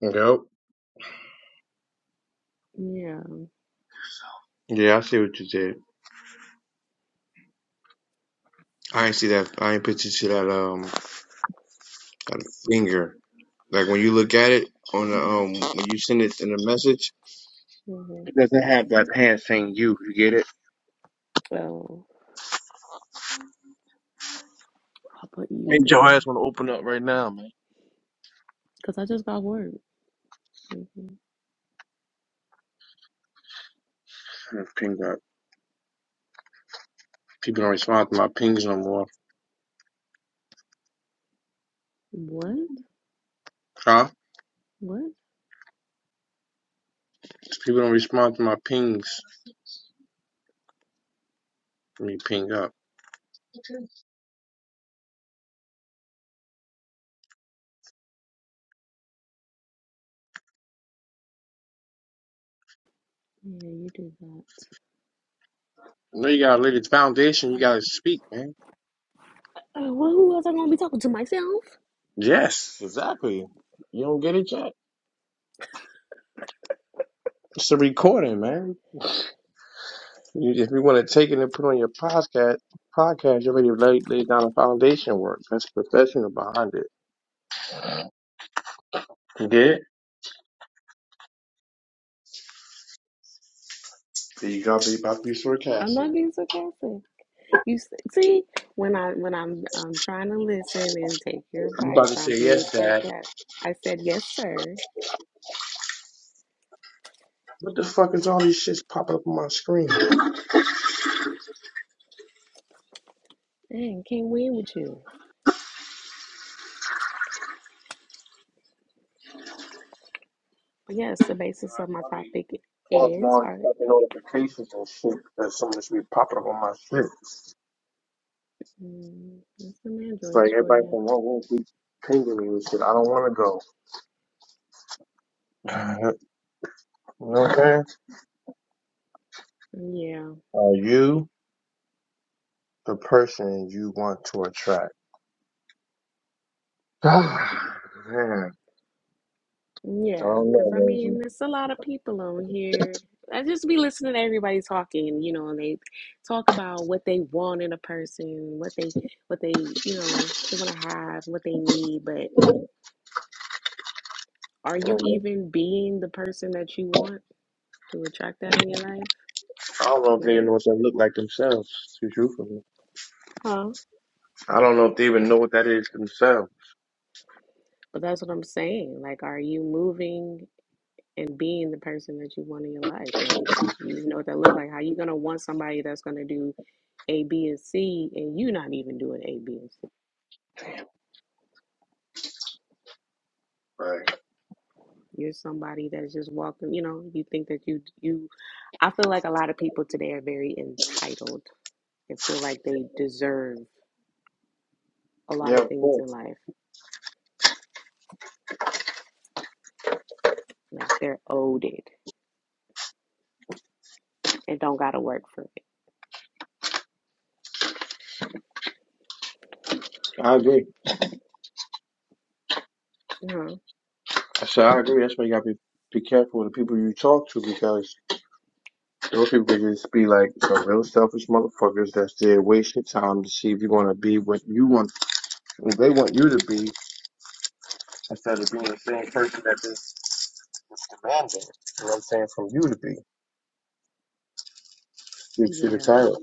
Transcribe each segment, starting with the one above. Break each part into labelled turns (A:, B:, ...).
A: Yep.
B: Yeah.
A: Yeah, I see what you did. I ain't see that. I ain't put you to that um that finger. Like when you look at it on the um when you send it in a message,
B: hmm
A: it doesn't have that hand saying you. You get it?
B: So I'll put
A: Hey,
B: you
A: your
B: there.
A: ass want to open up right now, man.
B: Because I just got work. Like,
A: I'm pinged up. People don't respond to my pings no more.
B: what?
A: Huh?
B: What?
A: People don't respond to my pings. Let me ping up.
B: Yeah, you did that.
A: No, you gotta lay the foundation. You gotta speak, man.
B: Uh, well, who else I'm gonna be talking to? Myself?
A: Yes, exactly. You don't get it yet. It's a recording, man. You, if you want to take it and put on your podcast, podcast, you already laid, laid down a foundation work. That's professional behind it. You did? Then you gotta be about to be
B: I'm
A: sarcastic.
B: not being sarcastic. You s- see, when I when I'm I'm trying to listen and take your
A: I'm about
B: advice,
A: to
B: I'm
A: say
B: being
A: yes, Dad.
B: sarcastic. I said yes, sir.
A: What the fuck is all these shits popping up on my screen? I
B: Dang, can't win with you. But yes, the basis of my
A: be
B: topic
A: pausing
B: is
A: all these
B: art.
A: fucking notifications and shit because some of this be popping up on my shit.
B: Mm, that's some
A: It's like
B: androids for
A: everybody
B: you.
A: from one room keep pinging me and shit. I don't want to go. you know what I'm saying?
B: Yeah.
A: Are you the person you want to attract? Man, I
B: Yeah,
A: don't
B: because
A: know,
B: I
A: Rosie.
B: mean, there's a lot of people on here. I just be listening to everybody talking, you know, and they talk about what they want in a person, what they, what they, you know, they want to have, what they need. But are
A: I
B: you
A: don't know
B: even being the person that you want to attract that in your life?
A: I don't know if they
B: Like,
A: even know what that look like themselves, to be truthful.
B: Huh?
A: I don't know if they even know what that is themselves.
B: but that's what I'm saying. Like, are you moving and being the person that you want in your life? Like, you know what that look like? How you gonna want somebody that's gonna do A, B, and C, and you not even doing A, B, and C?
A: Right.
B: You're somebody that's just walking, you know, you think that you you I feel like a lot of people today are very entitled and feel like they deserve a lot
A: Yeah,
B: of
A: of
B: things in
A: course.
B: life. Like they're owed it and don't gotta work for it.
A: I agree.
B: Uh-huh.
A: I said I agree. That's why you gotta be, be careful with the people you talk to because those people can just be like some real selfish motherfuckers that's there waste your time to see if you're gonna be what you want what they want you to be instead of being the same person that is is demanding. You know what I'm saying? From you to be. You see the
B: Yeah,
A: title.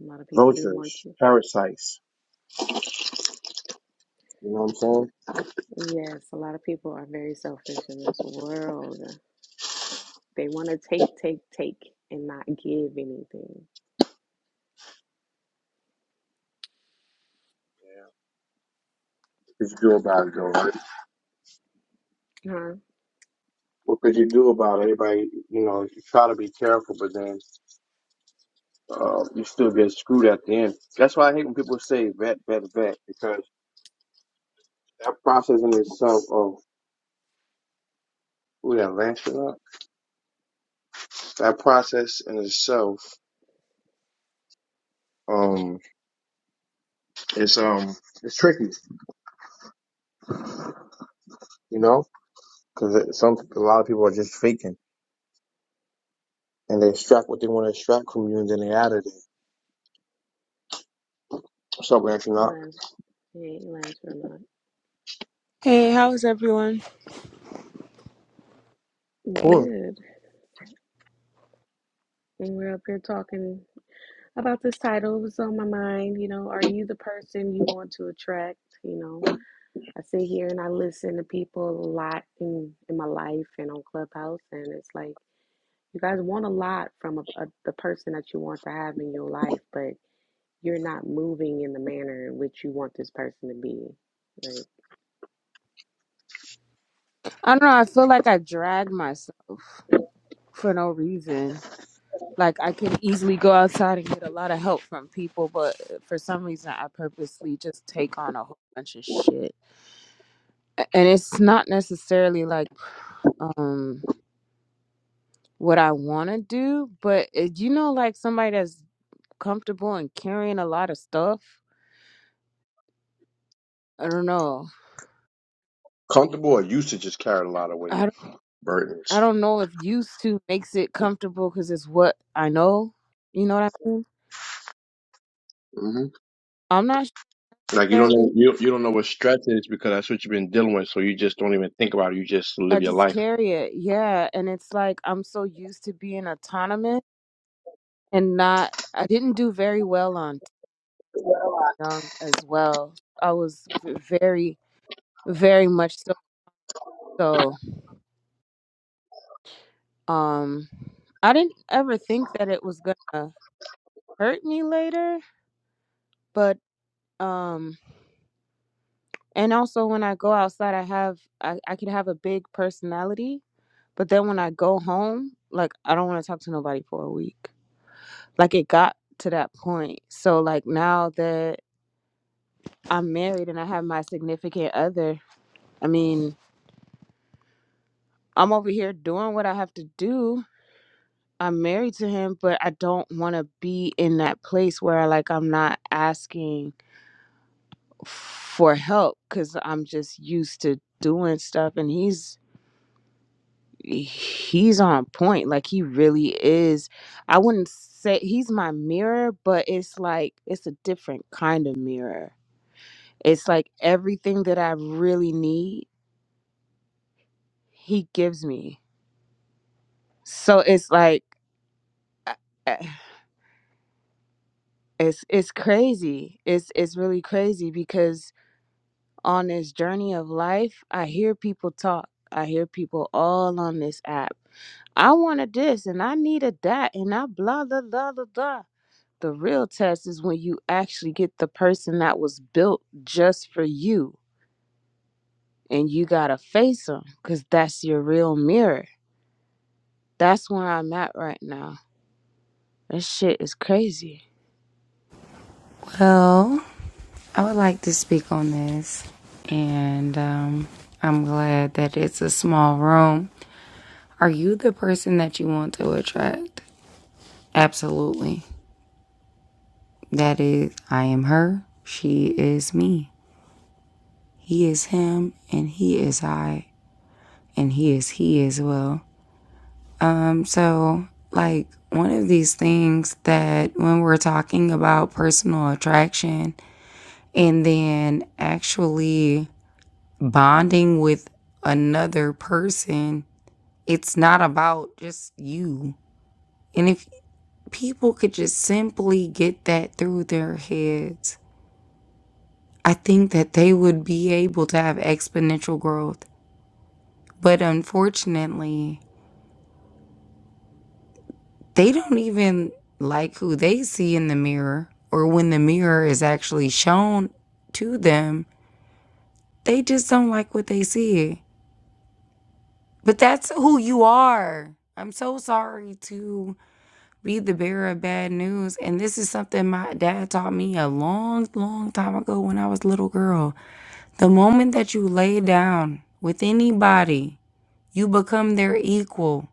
B: a lot of people do want
A: Vultures,
B: you.
A: parasites. You know what I'm saying?
B: Yes, a lot of people are very selfish in this world. They want to take, take, take, and not give anything.
A: you should do about it though, right?
B: Huh?
A: What could you do about it? Everybody, you know, you try to be careful, but then uh, you still get screwed at the end. That's why I hate when people say vet, vet, vet, because that process in itself of ooh, that Lancelot, that process in itself, um, is um, it's tricky, you know, because some a lot of people are just faking and they extract what they want to extract from you, and then they out of it. What's up,
B: It
A: Lancelot,
B: lands. It ain't lands for not.
C: Hey, how's everyone?
A: cool,
B: Good. And we're up here talking. about this title. It was on my mind. You know, are you the person you want to attract? You know, I sit here and I listen to people a lot in, in my life and on Clubhouse, and it's like you guys want a lot from a, a, the person that you want to have in your life, but you're not moving in the manner in which you want this person to be. Like,
C: I don't know. I feel like I drag myself for no reason. Like I could easily go outside and get a lot of help from people, but for some reason, I purposely just take on a whole bunch of shit, A- and it's not necessarily like um what I want to do, but it, you know, like somebody that's comfortable and carrying a lot of stuff. I don't know.
A: comfortable, or used to just carry a lot of
C: I
A: weight
C: don't, I
A: burdens.
C: don't know if used to makes it comfortable because it's what I know. You know what I mean?
A: Mm-hmm.
C: I'm not
A: Like you don't
C: sure
A: know you you don't know what stress is because that's what you've been dealing with. So you just don't even think about it. You just
C: I
A: live your
C: just
A: life.
C: carry it. Yeah. And it's like I'm so used to being autonomous and not, I didn't do very well on young as well. I was v- very, very much so. So, um, I didn't ever think that it was gonna hurt me later, but, um, and also when I go outside, I have, I, I can have a big personality, but then when I go home, like, I don't want to talk to nobody for a week. Like, it got to that point. So, like, now that, I'm married and I have my significant other. I mean, I'm over here doing what I have to do. I'm married to him, but I don't want to be in that place where like I'm not asking for help cuz I'm just used to doing stuff and he's he's on point like he really is i wouldn't say he's my mirror but it's like it's a different kind of mirror it's like everything that i really need he gives me so it's like uh, uh, it's it's crazy it's it's really crazy because on this journey of life i hear people talk i hear people all on this app i wanted this and i needed that and i blah blah blah blah blah the real test is when you actually get the person that was built just for you and you gotta face them because that's your real mirror that's where i'm at right now this shit is crazy
D: Well, I would like to speak on this, and um, I'm glad that it's a small room. Are you the person that you want to attract? Absolutely. That is, I am her, she is me, he is him, and he is I, and he is he as well. Um, so, like, one of these things that when we're talking about personal attraction and then actually bonding with another person, it's not about just you. And if people could just simply get that through their heads, I think that they would be able to have exponential growth. But unfortunately, they don't even like who they see in the mirror or when the mirror is actually shown to them. They just don't like what they see. But that's who you are. I'm so sorry to be the bearer of bad news. And this is something my dad taught me a long, long time ago when I was a little girl. The moment that you lay down with anybody, you become their equal.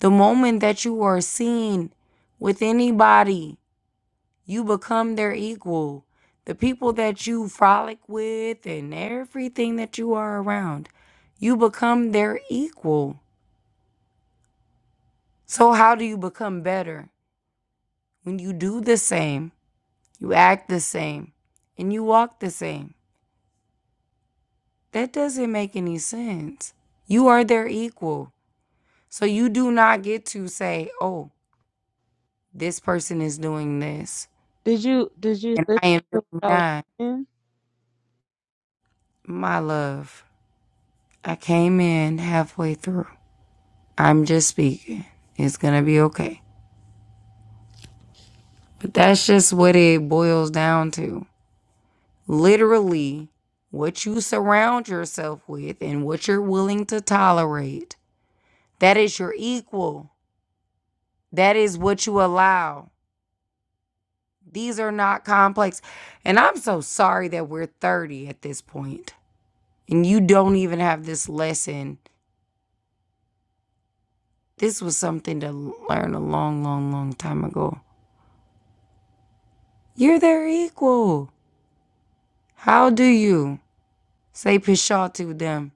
D: The moment that you are seen with anybody, you become their equal. The people that you frolic with and everything that you are around, you become their equal. So, how do you become better? When you do the same You act the same and you walk the same. That doesn't make any sense. You are their equal. So you do not get to say, oh, this person is doing this
C: Did you did you
D: and
C: listen
D: I am
C: to what
D: doing
C: I was
D: that.
C: saying?
D: My love, I came in halfway through. I'm just speaking. It's going to be okay. But that's just what it boils down to. Literally, what you surround yourself with and what you're willing to tolerate, that is your equal. That is what you allow. These are not complex. And I'm so sorry that we're 30 at this point and you don't even have this lesson. This was something to learn a long, long, long time ago. You're their equal. How do you say pshaw to them?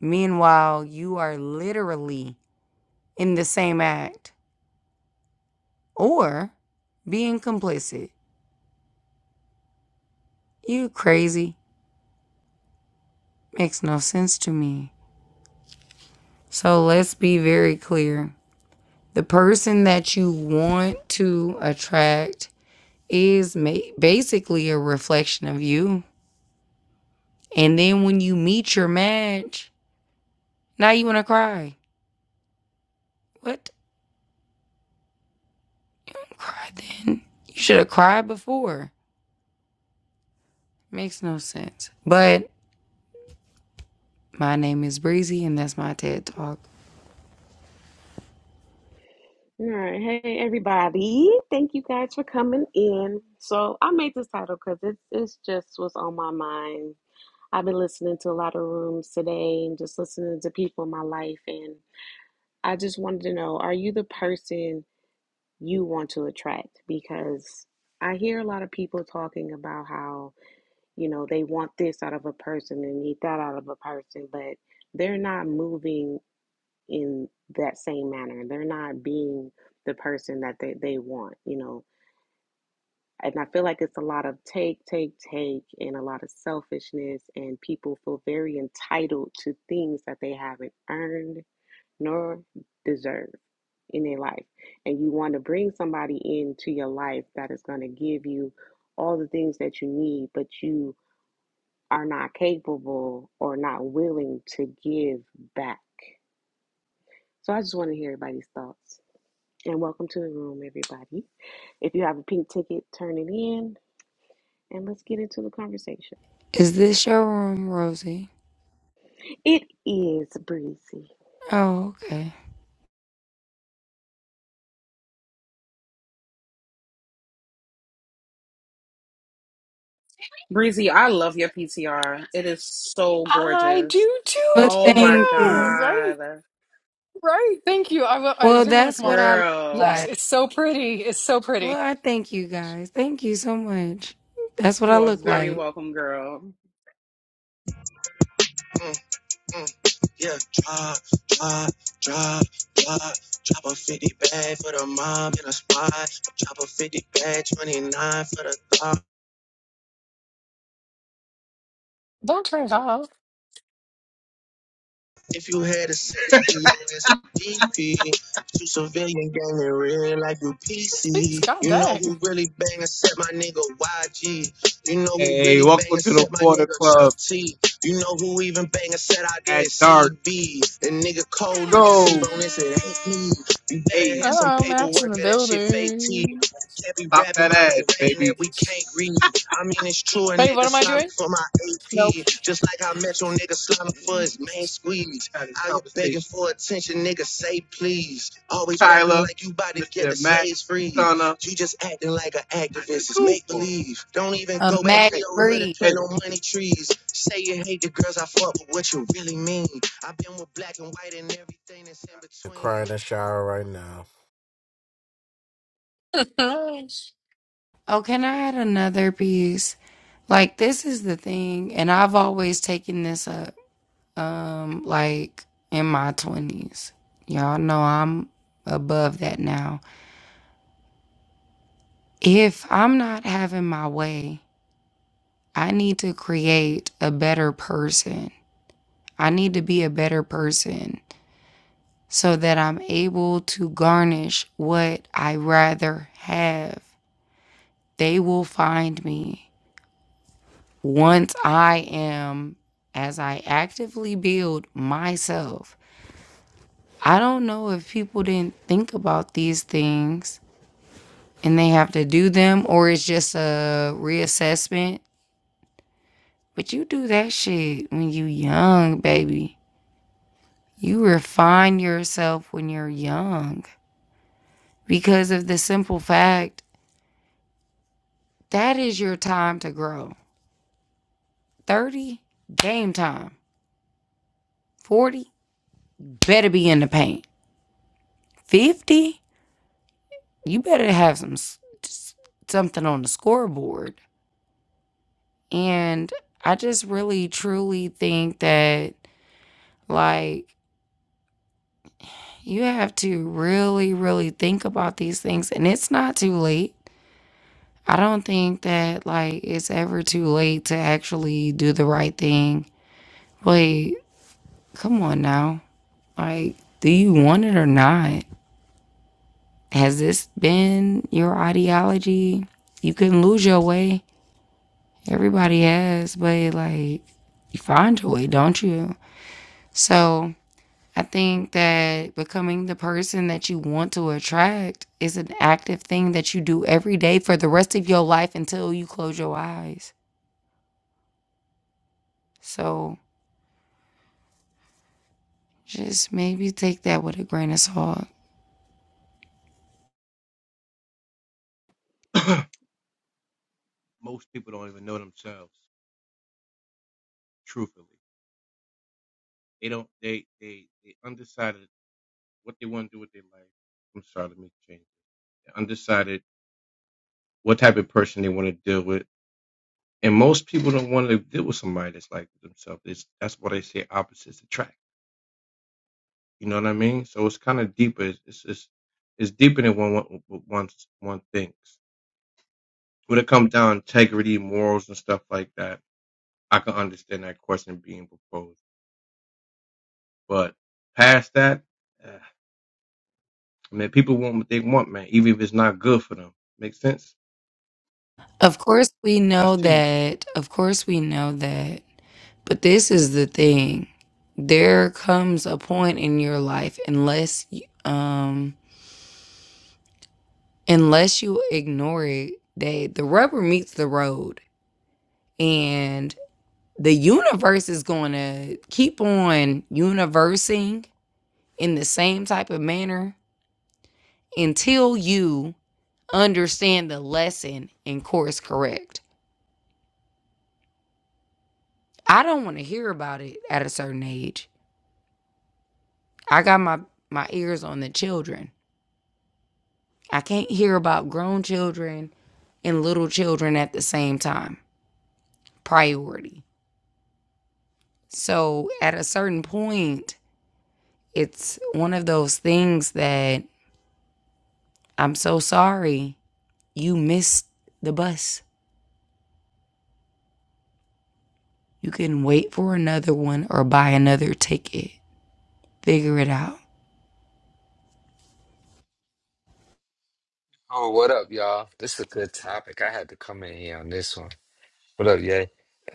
D: Meanwhile, you are literally in the same act or being complicit. You crazy. Makes no sense to me. So let's be very clear. the person that you want to attract is basically a reflection of you. And then when you meet your match, now you want to cry. What? Don't cry then. You should have cried before. Makes no sense. But my name is Breezy, and that's my TED Talk.
B: all right, hey everybody! Thank you guys for coming in. So I made this title because it's it's just what's on my mind I've been listening to a lot of rooms today and just listening to people in my life. And I just wanted to know are you the person you want to attract? Because I hear a lot of people talking about how, you know, they want this out of a person and need that out of a person, but they're not moving in that same manner. They're not being the person that they, they want, you know And I feel like it's a lot of take, take, take, and a lot of selfishness, and people feel very entitled to things that they haven't earned nor deserve in their life. And you want to bring somebody into your life that is going to give you all the things that you need, but you are not capable or not willing to give back. So I just want to hear everybody's thoughts. And welcome to the room, everybody. If you have a pink ticket, turn it in and let's get into the conversation.
D: Is this your room, Rosie?
B: It is breezy.
D: Oh, okay.
E: Breezy, I love your PTR. It is so
F: I
E: gorgeous.
F: do too,
D: Well,
E: Oh my
D: thank
F: Diego.
D: you.
F: Right,
E: God.
F: right. Thank you. I w- I
D: Well,
F: didn't want to
D: that's
F: come off.
D: what I look
E: Girl,
F: Yes,
D: like.
F: it's so pretty. It's so
D: Well,
F: pretty.
D: I thank you guys. Thank you so much. That's what I
E: you are
D: look
E: very
D: like.
E: welcome, girl.
A: Mm, mm, yeah, drop, drop, drop, drop. Drop a 50 bag for the mob in a spot. Drop a 50 bag, 29 for the thought.
F: Don't turn it off,
A: If you had a 60 US DP, shoot civilian gang in real life, you
F: please.
A: PC.
F: God
A: You know
F: dang.
A: who really bang except my nigga YG. You know who Hey, really bang welcome and to the except my Porter nigga Club Chuck T. You know who even bang except I at dark. CB. The nigga cold nigga sleep Go. on this, it ain't me. You better Hey, have some
F: Oh,
A: paperwork
F: Maps in the
A: or that shit fake T.
F: building.
A: Can't be pop rapping that about ass, rating that baby. that we can't read. I mean, it's true, a
F: Wait, what
A: nigga
F: am I
A: slimy
F: doing?
A: for my
F: Nope.
A: AP. Just like how Metro nigga slimy for his main squeeze. Had Out here begging conversation. for attention, nigga, say please. Always rapping Tyler, like you about to get Mr. Mac, slaves free. Stunner, You just acting like an activist. It's make believe. Don't even
D: a
A: go back to
D: Max
A: Hey, your hood and
D: Breed.
A: hey, plant no money trees. Say you hate the girls I fuck, but what you really mean? I've been with black and white and everything that's in
G: Crying
A: between.
G: in the shower right now.
D: Oh, can I add another piece? Like this is the thing, and I've always taken this up. Um, like in my twenties, y'all know I'm above that now. If I'm not having my way, I need to create a better person. I need to be a better person so that I'm able to garnish what I rather have. They will find me. once I am, as I actively build myself, I don't know if people didn't think about these things and they have to do them or it's just a reassessment. But you do that shit when you young, baby. You refine yourself when you're young because of the simple fact that is your time to grow. 30, game time. 40, better be in the paint. 50, you better have some something on the scoreboard. And I just really truly think that like you have to really really think about these things and it's not too late. I don't think that like it's ever too late to actually do the right thing. But come on now. Like do you want it or not? Has this been your ideology? You can lose your way Everybody has, but like you find your way, don't you? So I think that becoming the person that you want to attract is an active thing that you do every day for the rest of your life until you close your eyes. So just maybe take that with a grain of salt.
A: most people don't even know themselves. Truthfully, they don't. They they they undecided what they want to do with their life. I'm sorry, let me change. It. They're Undecided what type of person they want to deal with, and most people don't want to deal with somebody that's like themselves. It's, that's why they say opposites attract. You know what I mean? So it's kind of deeper. It's it's, it's it's deeper than one one one one thinks. When it comes down to integrity, morals, and stuff like that, I can understand that question being proposed. But past that, uh, I mean, people want what they want, man. Even if it's not good for them, makes sense.
D: Of course, we
A: That's
D: know
A: to you.
D: that. Of course, we know that. But this is the thing there comes a point in your life, unless you, um, unless you ignore it, they the rubber meets the road and the universe is going to keep on universing in the same type of manner until you understand the lesson and course correct. I don't want to hear about it at a certain age. I got my my ears on the children. I can't hear about grown children and little children at the same time. Priority. So at a certain point, it's one of those things that I'm so sorry you missed the bus. You can wait for another one or buy another ticket. Figure it out.
H: Oh, what up, y'all? This is a good topic. I had to come in here on this one. What up, yay?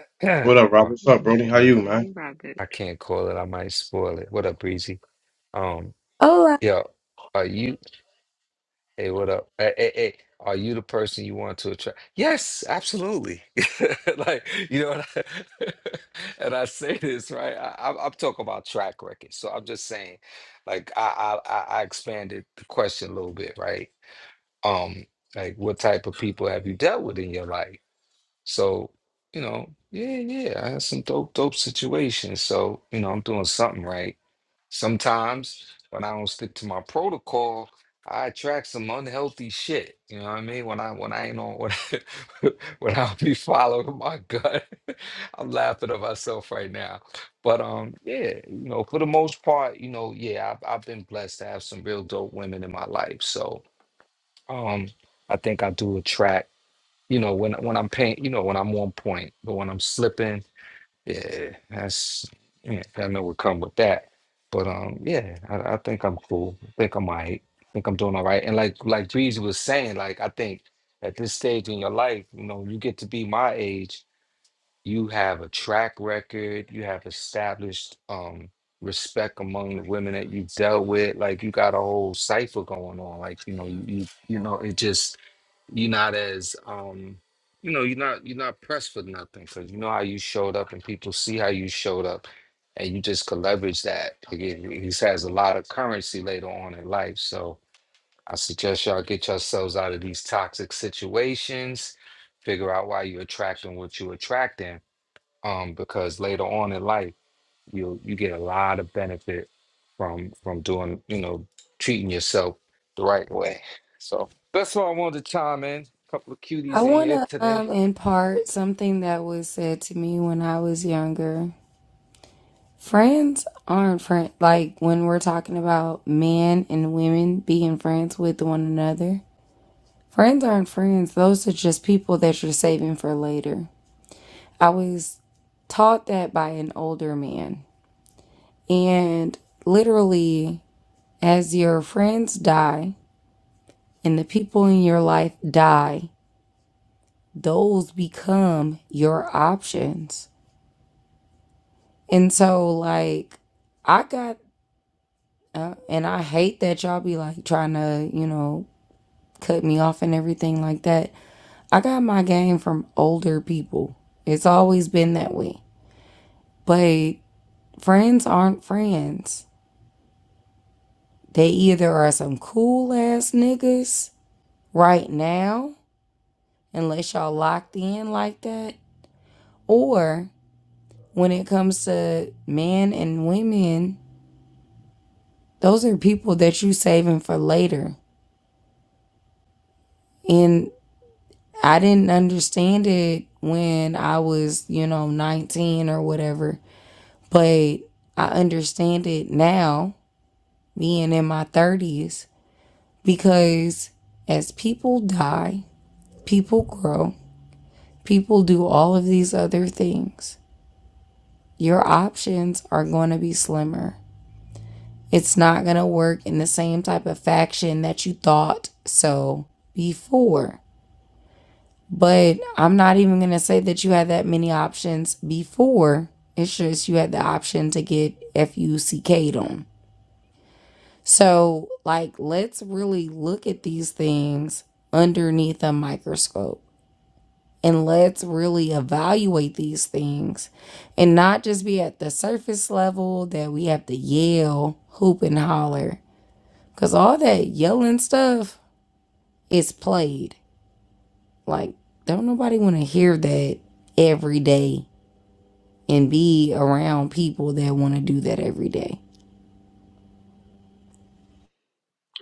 H: oh,
A: What up, Rob?
H: oh,
A: What's up,
B: Mhm.
A: Brody? How
H: you-
A: you, man?
B: Hey, Robert.
H: I can't call it. I might spoil it. What up, Breezy? Um,
D: Oh,
H: yo, are you? Hey, what up? Hey, hey, hey, are you the person you want to attract? Yes, absolutely. like you know, what I, and I say this right. I, I'm, I'm talking about track record, so I'm just saying, like I, I, I I expanded the question a little bit, right? Um, like what type of people have you dealt with in your life? So, you know, yeah, yeah, I had some dope, dope situations. So, you know, I'm doing something right. Sometimes when I don't stick to my protocol, I attract some unhealthy shit. You know what I mean? When I when I ain't on when I, when I be following my gut, I'm laughing at myself right now. But um, yeah, you know, for the most part, you know, yeah, I've I've been blessed to have some real dope women in my life. So um, I think I do attract you know, when when I'm paying, you know, when I'm on point, but when I'm slipping, yeah, that's yeah, I know what come with that. But um, yeah, I, I think I'm cool. I think I'm all right. I think I'm doing all right. And like like Breezy was saying, like I think at this stage in your life, you know, you get to be my age you have a track record, you have established um respect among the women that you've dealt with, like you got a whole cipher going on. Like, you know, you you, you know, it just you're not as um you know, you're not you're not pressed for nothing because you know how you showed up and people see how you showed up and you just could leverage that. Like it, it just has a lot of currency later on in life. So I suggest y'all get yourselves out of these toxic situations, figure out why you're attracting what you're attracting um, because later on in life you you get a lot of benefit from from doing you know treating yourself the right way. So that's why I wanted to chime in. A couple of
D: I, I
H: cuties in
D: want
H: here
D: to
H: today.
D: um impart something that was said to me when I was younger. Friends aren't friends. Like when we're talking about men and women being friends with one another, friends aren't friends. Those are just people that you're saving for later. I was taught that by an older man. And literally, as your friends die and the people in your life die, those become your options. And so, like, I got, uh, and I hate that y'all be like trying to, you know, cut me off and everything like that. I got my game from older people. It's always been that way. But friends aren't friends. They either are some cool ass niggas right now, unless y'all locked in like that, or when it comes to men and women, those are people that you saving for later. And I didn't understand it when I was, you know, 19 or whatever, but I understand it now, being in my 30s, because as people die, people grow, People do all of these other things. Your options are going to be slimmer. It's not going to work in the same type of faction that you thought so before. But I'm not even going to say that you had that many options before. It's just you had the option to get FUCK'd on. So, like, let's really look at these things underneath a microscope. and let's really evaluate these things and not just be at the surface level that we have to yell, hoop, and holler. Because all that yelling stuff is played. Like, don't nobody want to hear that every day and be around people that want to do that every day.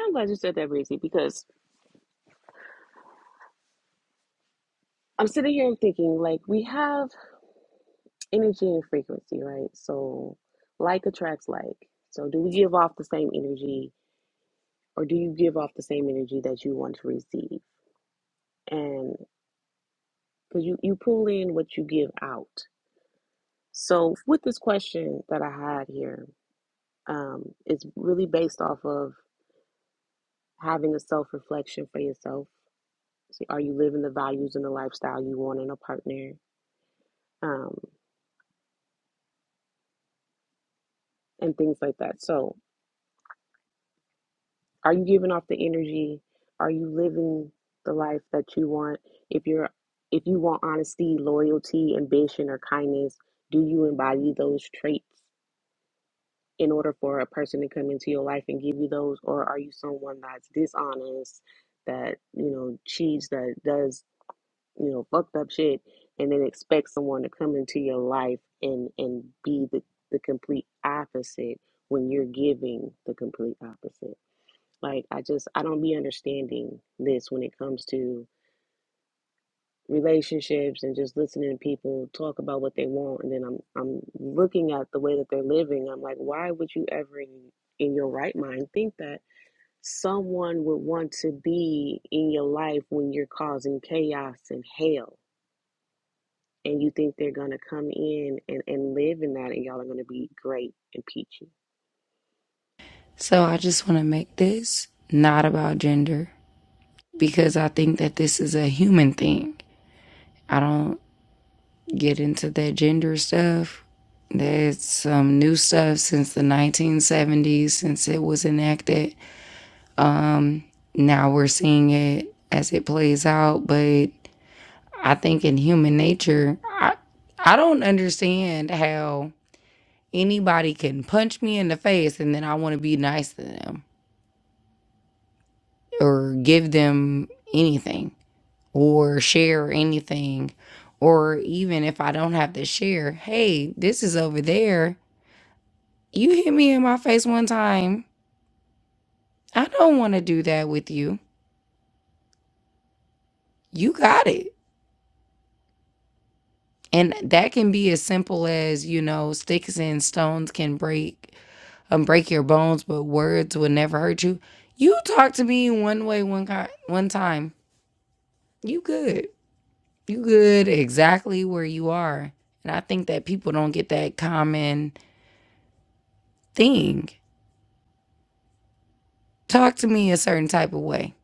B: I'm glad you said that, Breezy, because I'm sitting here and thinking like we have energy and frequency, right? So like attracts like. So do we give off the same energy or do you give off the same energy that you want to receive? And because you, you pull in what you give out. So with this question that I had here, um, it's really based off of having a self reflection for yourself So are you living the values and the lifestyle you want in a partner? Um, and things like that. So are you giving off the energy? Are you living the life that you want? If you're if you want honesty, loyalty, ambition, or kindness, do you embody those traits in order for a person to come into your life and give you those? Or are you someone that's dishonest, that, you know, cheats, that does you know, fucked up shit and then expect someone to come into your life and and be the, the complete opposite when you're giving the complete opposite. Like I just I don't be understanding this when it comes to relationships and just listening to people talk about what they want and then I'm I'm looking at the way that they're living. I'm like, why would you ever in, in your right mind think that someone would want to be in your life when you're causing chaos and hell? and you think they're gonna come in and, and live in that and y'all are gonna be great and peachy.
D: So I just want to make this not about gender because I think that this is a human thing. I don't get into that gender stuff. That's some new stuff since the 1970s, since it was enacted. Um, now we're seeing it as it plays out, but I think in human nature, I, I don't understand how anybody can punch me in the face and then I want to be nice to them or give them anything or share anything. Or even if I don't have to share, hey, this is over there You hit me in my face one time. I don't want to do that with you. You got it. And that can be as simple as, you know, sticks and stones can break um break your bones, but words would never hurt you. You talk to me one way one ki- one time. You good. You good exactly where you are. And I think that people don't get that common thing. Talk to me a certain type of way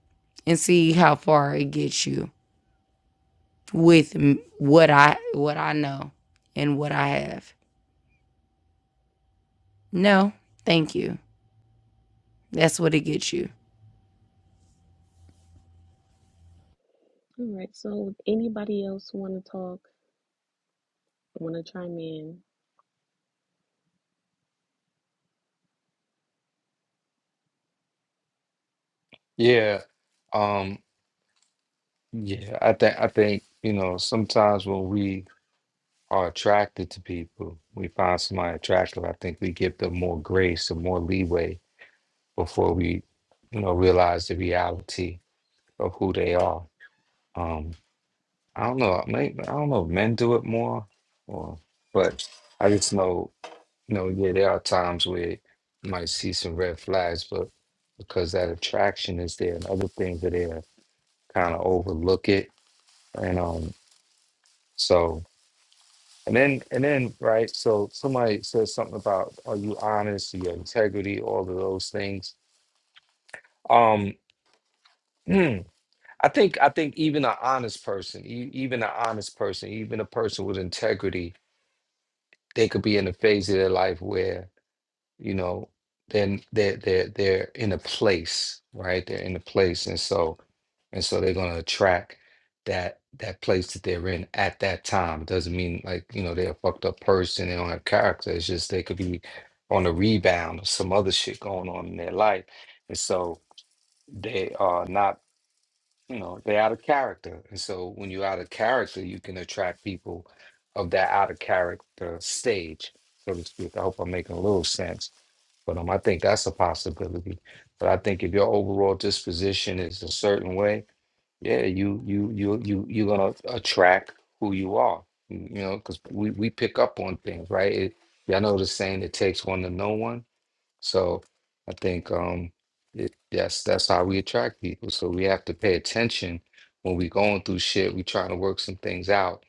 D: and see how far it gets you with m- what I what I know and what I have. No, thank you. That's what it gets you.
B: All right, so if anybody else wanna talk, wanna chime in?
H: Yeah, um, yeah. I think I think you know sometimes when we are attracted to people, we find somebody attractive. I think we give them more grace and more leeway before we you know realize the reality of who they are. Um, I don't know. Maybe, I don't know if men do it more, or but I just know, you know, yeah, there are times where you might see some red flags, but because that attraction is there and other things are there, kind of overlook it. And um, so and then and then right, so somebody says something about are you honest, your integrity, all of those things. Um, Hmm. I think I think even an honest person, e- even an honest person, even a person with integrity they could be in a phase of their life where you know they're they're they're they're in a place right they're in a place and so and so they're going to attract that that place that they're in at that time It doesn't mean like you know they're a fucked up person they don't have character it's just they could be on a rebound or some other shit going on in their life and so they are not you know they're out of character and so when you're out of character you can attract people of that out of character stage so to speak i hope i'm making a little sense but um, i think that's a possibility but i think if your overall disposition is a certain way yeah you you you you you're gonna attract who you are you know because we, we pick up on things right it, yeah, i know the saying it takes one to know one so I think um it, that's that's how we attract people. So we have to pay attention when we going through shit. We trying to work some things out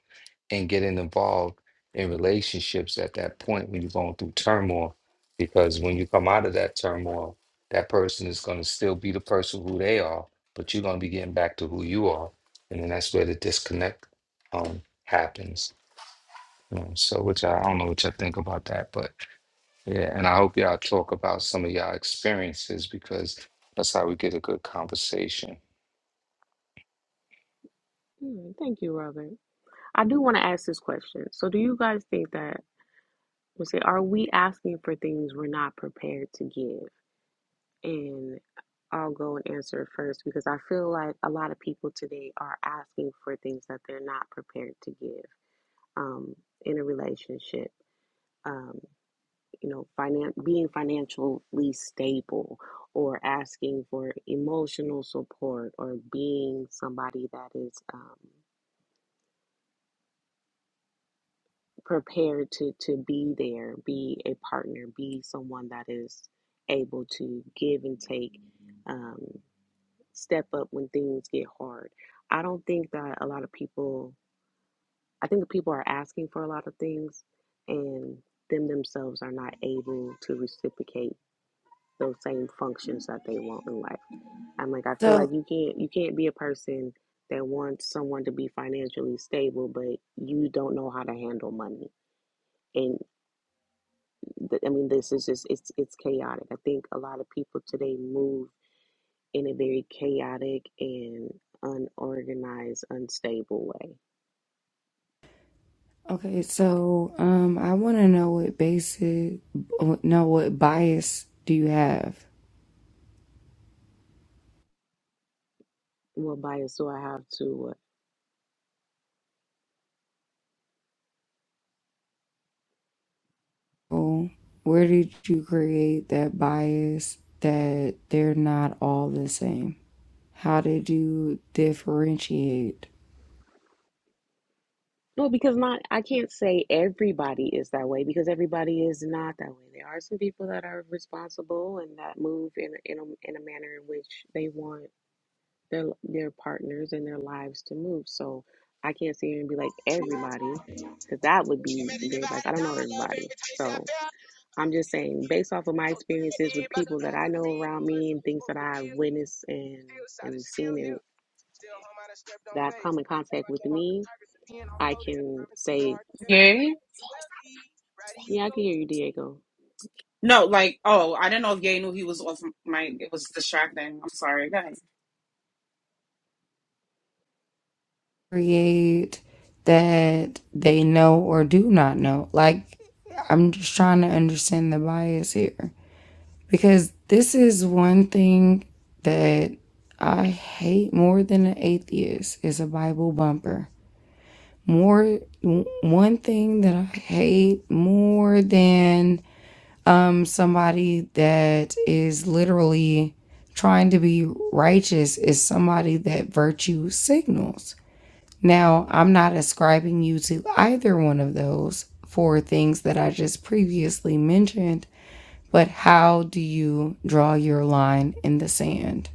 H: and getting involved in relationships at that point when you're going through turmoil. Because when you come out of that turmoil, that person is going to still be the person who they are, but you're going to be getting back to who you are, and then that's where the disconnect um happens. Um, so which I, I don't know what you all think about that, but. Yeah, and I hope y'all talk about some of y'all experiences because that's how we get a good conversation.
B: All right, thank you, Robert. I do wanna ask this question. So do you guys think that we say are we asking for things we're not prepared to give? And I'll go and answer it first because I feel like a lot of people today are asking for things that they're not prepared to give um, in a relationship. Um. you know, finan- being financially stable or asking for emotional support or being somebody that is um, prepared to, to be there, be a partner, be someone that is able to give and take, um, step up when things get hard. I don't think that a lot of people, I think that people are asking for a lot of things and them themselves are not able to reciprocate those same functions that they want in life. I'm like, I feel like
D: So
B: you can't you can't be a person that wants someone to be financially stable, but you don't know how to handle money. And th- I mean, this is just it's it's chaotic. I think a lot of people today move in a very chaotic and unorganized, unstable way.
D: okay, so um, I want to know what basic, no, what bias do you have?
B: What bias do I have to? Uh,
D: Oh, where did you create that bias that they're not all the same? How did you differentiate?
B: no, because not I can't say everybody is that way because everybody is not that way. There are some people that are responsible and that move in in a, in a manner in which they want their their partners and their lives to move. So I can't sit here and be like everybody, because that would be
A: Imagine if I
B: very
A: had
B: biased. I
A: a
B: don't know
A: dollar for
B: everybody,
A: every time you say I
B: so
A: failed
B: I'm just
A: you. And
B: saying based off of my experiences
A: then
B: with people that I know around me and things
A: supposed
B: that
A: to
B: I've
A: feel you,
B: witnessed and
A: still solid,
B: and
A: still,
B: seen and
A: still home out of
B: that I've come in contact with me, I can say,
A: shape.
E: Yay?
A: You wealthy, right? You
B: yeah, I
A: go.
B: can hear you, Diego.
E: No, like, oh, I didn't know if Yay knew he was off my, it was distracting. I'm sorry, guys.
D: create that they know or do not know. Like, I'm just trying to understand the bias here because this is one thing that I hate more than an atheist is a Bible bumper. More one thing that I hate more than um somebody that is literally trying to be righteous is somebody that virtue signals now, I'm not ascribing you to either one of those four things that I just previously mentioned, but how do you draw your line in the sand?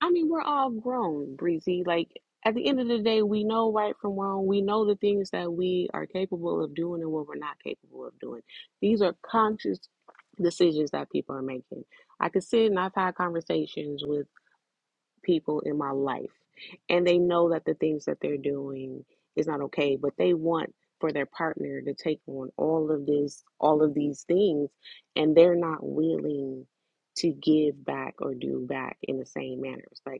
B: I mean, we're all grown, Breezy. Like, at the end of the day, we know right from wrong. We know the things that we are capable of doing and what we're not capable of doing. These are conscious decisions that people are making. I can sit and I've had conversations with people in my life, and they know that the things that they're doing is not okay, but they want for their partner to take on all of this, all of these things, and they're not willing to give back or do back in the same manners. Like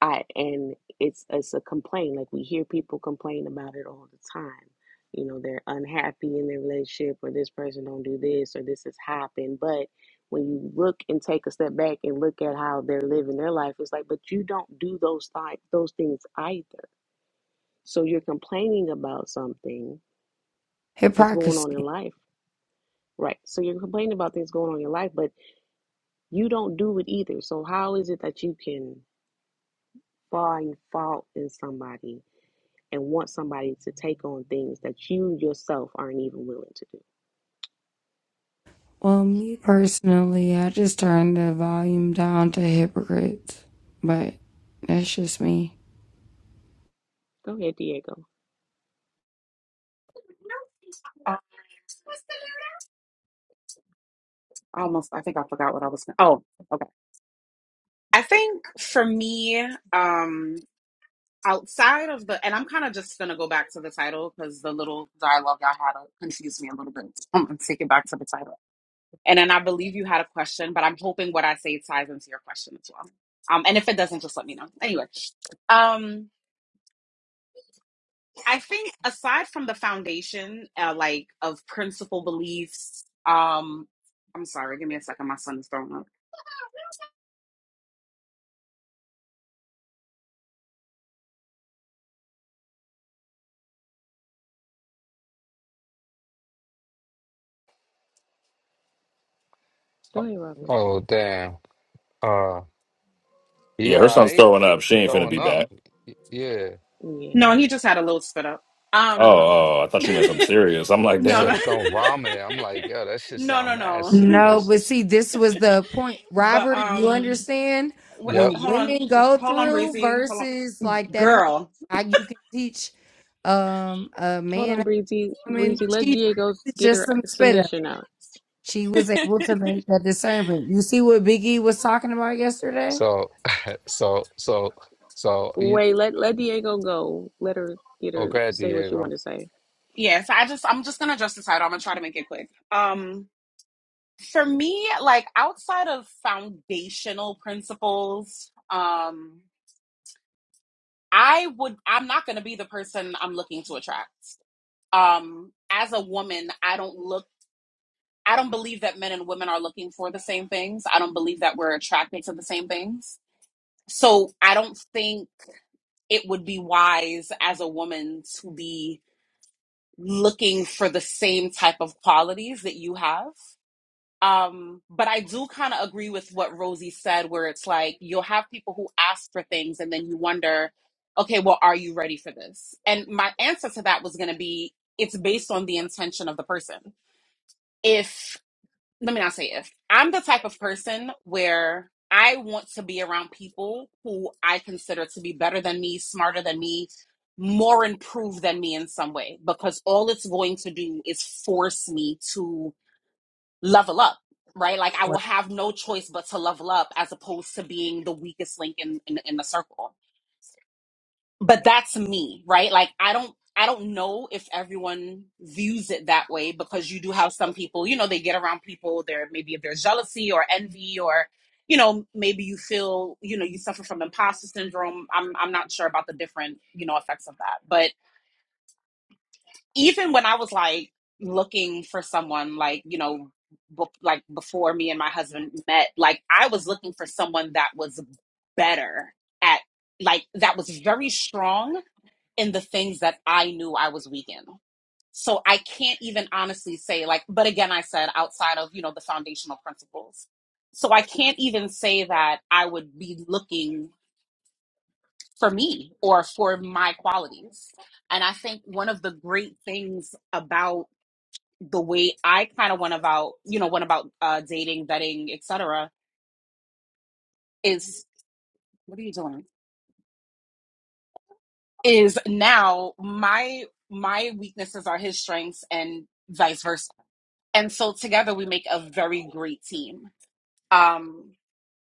B: I and it's it's a complaint. Like we hear people complain about it all the time. You know, they're unhappy in their relationship or this person don't do this or this has happened. But when you look and take a step back and look at how they're living their life, it's like, but you don't do those th- those things either. So you're complaining about something that's going on in
D: Hypocrisy.
B: life. Right. So you're complaining about things going on in your life, but you don't do it either. So how is it that you can find fault in somebody and want somebody to take on things that you yourself aren't even willing to do.
D: Well, me personally, I just turned the volume down to hypocrites, but that's just me.
B: Go ahead, Diego.
E: Uh, I almost, I think I forgot what I was going to, Oh, okay. I think for me, um, outside of the, and I'm kind of just going to go back to the title because the little dialogue I had uh, confused me a little bit. I'm going to take it back to the title And then I believe you had a question, but I'm hoping what I say ties into your question as well. Um, and if it doesn't, just let me know. Anyway, um, I think aside from the foundation, uh, like of principal beliefs, um, I'm sorry, give me a second. My son is throwing up.
B: Go
H: Oh,
B: ahead, Robert.
H: oh, damn. Uh,
I: Yeah,
H: yeah,
I: her
H: all
I: son's
H: right.
I: throwing up. She
H: You
I: ain't finna be
H: throwing up.
I: back.
H: Yeah.
B: Yeah.
E: No, he just had a little spit up.
I: Oh,
E: Um,
I: oh, I thought you meant
E: no,
I: something serious. I'm like,
H: You
E: no,
I: damn.
H: said throwing vomit. I'm like, yo, that shit
E: no, no,
H: sound mad
E: no.
D: No,
H: serious.
D: but see, this was the point.
E: But
D: Robert, you
E: um,
D: understand
E: w-
H: Yep.
D: what
E: hold on,
D: women go
E: hold on,
D: through
E: Breezy, hold on,
D: versus like that whole
E: girl.
D: how you can teach um a
B: Hold
D: man
B: on, Breezy.
D: I mean,
B: Breezy, let
D: she
B: Diego
D: this is
B: get
D: just
B: her
D: some spit up.
B: submission out.
D: She was able to make that discernment. You see what Biggie was talking about yesterday?
H: So, so, so, so, you,
B: Wait, let let Diego go. Let her get
H: oh,
B: her
H: glad
B: say what she wanted
H: Diego.
B: to say.
E: Yeah, so I just I'm just gonna adjust the title. I'm gonna try to make it quick. Um for me, like outside of foundational principles, um, I would I'm not gonna be the person I'm looking to attract. Um, as a woman, I don't look I don't believe that men and women are looking for the same things. I don't believe that we're attracted to the same things. So I don't think it would be wise as a woman to be looking for the same type of qualities that you have. Um, but I do kind of agree with what Rosie said, where it's like you'll have people who ask for things and then you wonder, okay, well, are you ready for this? And my answer to that was going to be it's based on the intention of the person. If let me not say if. I'm the type of person where I want to be around people who I consider to be better than me, smarter than me, more improved than me in some way, because all it's going to do is force me to level up, right? Like I will have no choice but to level up as opposed to being the weakest link in, in, in the circle but that's me right like i don't i don't know if everyone views it that way because you do have some people you know they get around people there maybe if there's jealousy or envy or you know maybe you feel you know you suffer from imposter syndrome i'm i'm not sure about the different you know effects of that but even when i was like looking for someone like you know be- like before me and my husband met like i was looking for someone that was better at like that was very strong in the things that I knew I was weak in. So I can't even honestly say, like, but again, I said outside of, you know, the foundational principles. So I can't even say that I would be looking for me or for my qualities. And I think one of the great things about the way I kind of went about, you know, went about uh, dating, vetting, etc., is what are you doing? Is now my my weaknesses are his strengths and vice versa and so together we make a very great team. Um,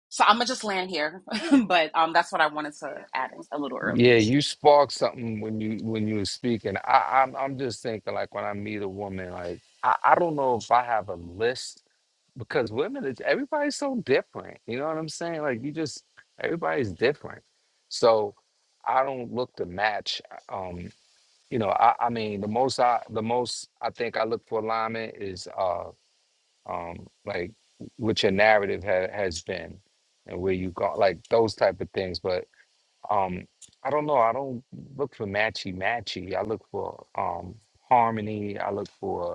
E: so I'm gonna just land here, but um, that's what I wanted to add in a little earlier.
H: Yeah, you sparked something when you when you were speaking. I, I'm I'm just thinking like when I meet a woman, like I, I don't know if I have a list because women is everybody's so different. You know what I'm saying? Like you just everybody's different. So I don't look to match. uh, Um, you know, I, I mean the most I the most I think I look for alignment is uh um like what your narrative ha- has been and where you go like those type of things. But um I don't know, I don't look for matchy matchy. I look for um harmony, I look for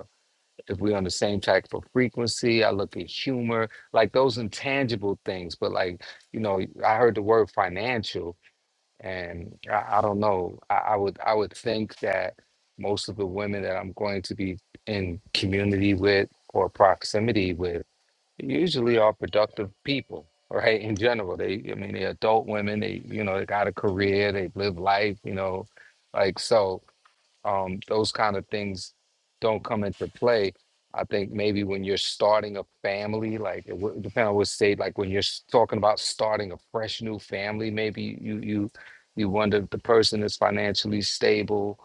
H: if we're on the same type of frequency. I look at humor, like those intangible things. But like, you know, I heard the word financial, and I, I don't know. I, I would I would think that most of the women that I'm going to be in community with or proximity with usually are productive people. Right in general, they I mean they're adult women. They you know they got a career. They live life. You know, like so um, those kind of things don't come into play. I think maybe when you're starting a family, like it would depend on what state, like when you're s- talking about starting a fresh new family, maybe you you you wonder if the person is financially stable.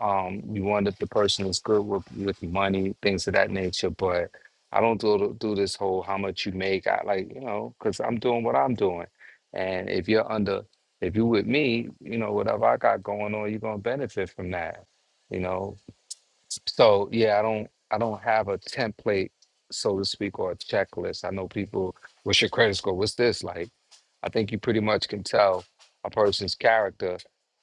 H: Um, you wonder if the person is good with, with money, things of that nature. But I don't do the- do this whole how much you make. I like you know because I'm doing what I'm doing, and if you're under if you with me, you know whatever I got going on, you're gonna benefit from that you know so yeah i don't i don't have a template so to speak or a checklist i know people what's your credit score what's this like I think you pretty much can tell a person's character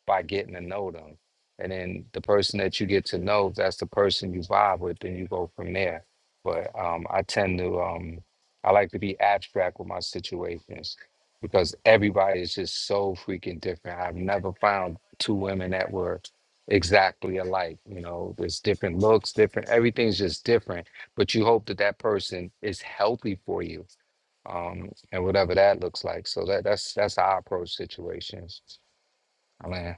H: by getting to know them. And then the person that you get to know, that's the person you vibe with, then you go from there. But um, I tend to, um, I like to be abstract with my situations because everybody is just so freaking different. I've never found two women that were exactly alike. You know, there's different looks, different, everything's just different. But you hope that that person is healthy for you um, and whatever that looks like. So that that's that's how I approach situations. I mean,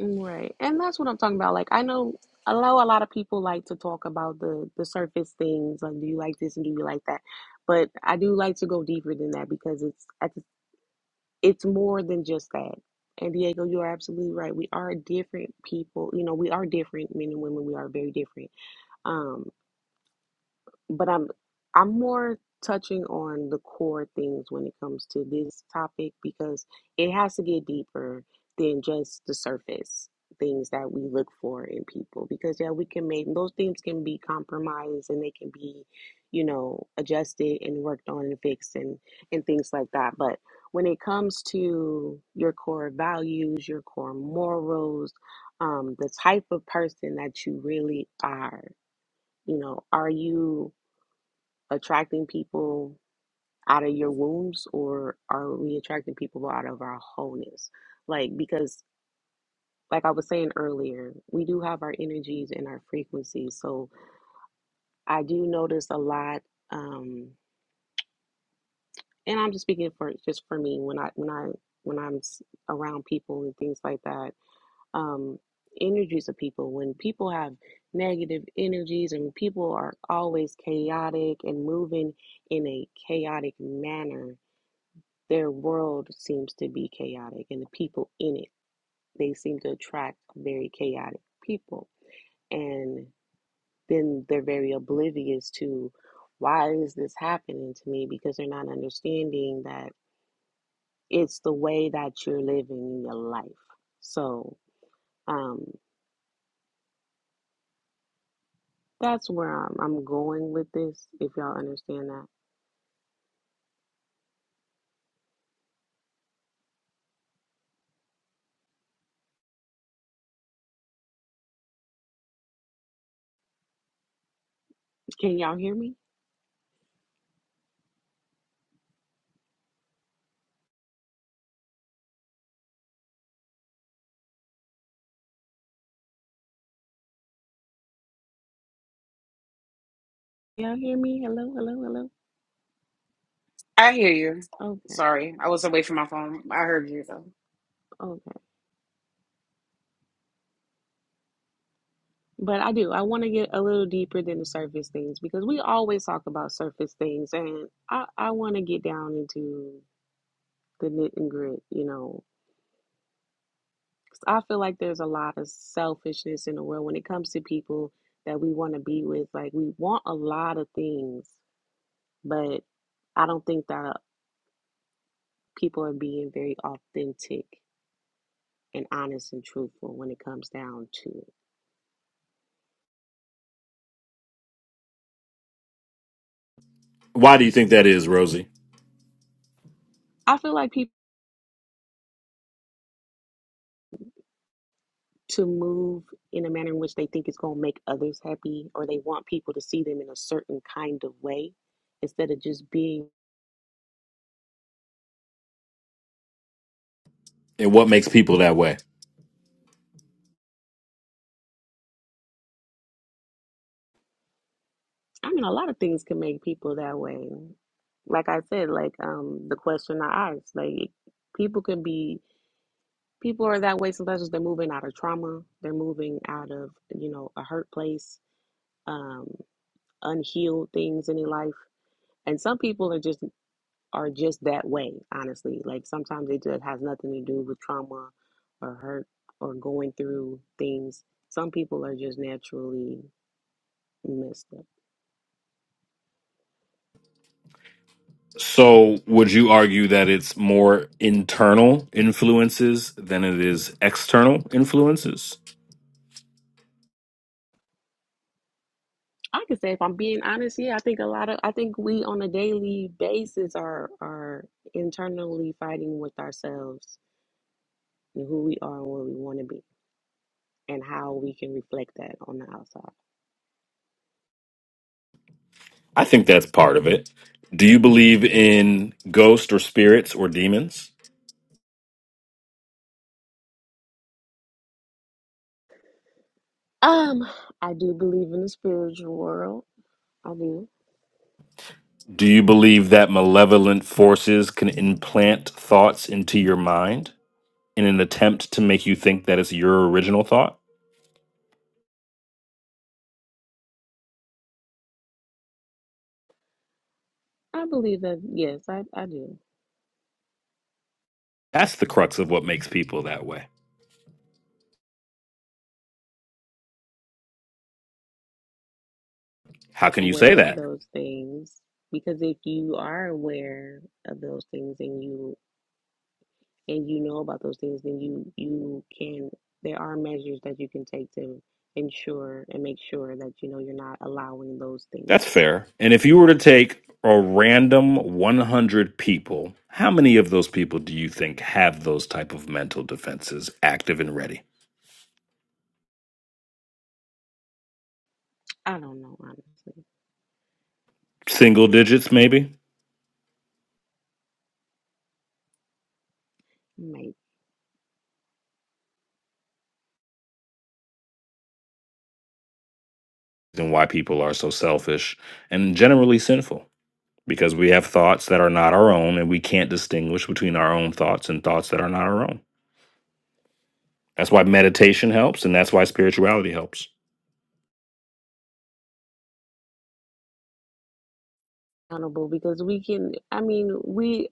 B: Right. And that's what I'm talking about. Like I know I know a lot of people like to talk about the the surface things, like do you like this and do you like that? But I do like to go deeper than that because it's at the it's more than just that. And Diego, you are absolutely right. We are different people. You know, we are different men and women. We are very different. Um but I'm I'm more touching on the core things when it comes to this topic because it has to get deeper than just the surface things that we look for in people because yeah we can make those things can be compromised and they can be you know adjusted and worked on and fixed and and things like that but when it comes to your core values your core morals um the type of person that you really are you know are you attracting people out of your wombs or are we attracting people out of our wholeness? Like, because, like I was saying earlier, we do have our energies and our frequencies. So I do notice a lot, um, and I'm just speaking for just for me when I when I when I'm s- around people and things like that. Um, energies of people when people have negative energies and people are always chaotic and moving in a chaotic manner Their world seems to be chaotic, and the people in it, they seem to attract very chaotic people. And then they're very oblivious to why is this happening to me because they're not understanding that it's the way that you're living in your life. So, um, that's where I'm, I'm going with this, if y'all understand that. Can y'all hear me? Y'all hear me? Hello, hello, hello.
E: I hear you.
B: Okay,
E: Sorry, I was away from my phone. I heard you though.
B: okay. But I do. I want to get a little deeper than the surface things because we always talk about surface things, and I, I want to get down into the knit and grit, you know. 'Cause I feel like there's a lot of selfishness in the world when it comes to people that we want to be with. Like, we want a lot of things, but I don't think that people are being very authentic and honest and truthful when it comes down to it.
I: Why do you think that is, Rosie?
B: I feel like people. to move in a manner in which they think is going to make others happy or they want people to see them in a certain kind of way instead of just being
I: And what makes people that way?
B: i mean a lot of things can make people that way like i said like um the question i asked like people can be people are that way sometimes. 'cause they're moving out of trauma they're moving out of you know a hurt place um unhealed things in their life and some people are just are just that way, honestly. Like sometimes it just has nothing to do with trauma or hurt or going through things. Some people are just naturally messed up.
I: So, would you argue that it's more internal influences than it is external influences?
B: I could say if I'm being honest, yeah, I think a lot of I think we on a daily basis are are internally fighting with ourselves and who we are and where we want to be and how we can reflect that on the outside.
I: I think that's part of it. Do you believe in ghosts or spirits or demons?
B: Um, I do believe in the spiritual world. I do.
I: Do you believe that malevolent forces can implant thoughts into your mind in an attempt to make you think that it's your original thought?
B: I believe that yes, I, I do.
I: That's the crux of what makes people that way. How can you say
B: aware of
I: that?
B: those things because if you are aware of those things and you and you know about those things then you you can there are measures that you can take to ensure and make sure that you know you're not allowing those
I: That's
B: things
I: fair. And if you were to take a random 100 people, how many of those people do you think have those type of mental defenses active and ready?
B: i don't know honestly
I: Single digits maybe?
B: maybe
I: And why people are so selfish and generally sinful because we have thoughts that are not our own and we can't distinguish between our own thoughts and thoughts that are not our own. That's why meditation helps and that's why spirituality helps.
B: accountable because we can i mean we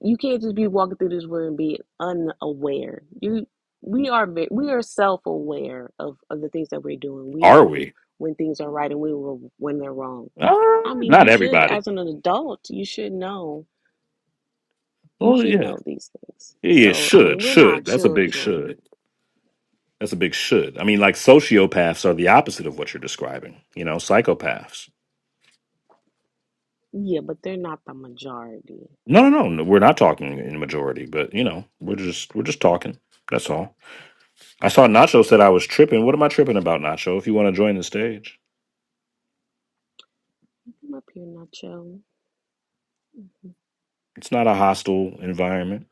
B: you can't just be walking through this world and be unaware you we are we are self-aware of, of the things that we're doing we
I: Are
B: know
I: we?
B: when things are right and we will when they're wrong
I: Uh,
B: I mean,
I: not
B: you should,
I: everybody.
B: as an adult, you should know. You
I: Well,
B: should
I: yeah.
B: know these things.
I: Yeah, yeah,
B: So, I mean,
I: should,
B: we're not
I: should. That's a big
B: children.
I: should. That's a big should. I mean, like sociopaths are the opposite of what you're describing, you know, psychopaths.
B: Yeah, but they're not the majority.
I: No, no, no. no, We're not talking in majority, but you know, we're just we're just talking. That's all. I saw Nacho said I was tripping. What am I tripping about, Nacho? If you want to join the stage.
B: Come up here, Nacho. Mhm.
I: It's not a hostile environment.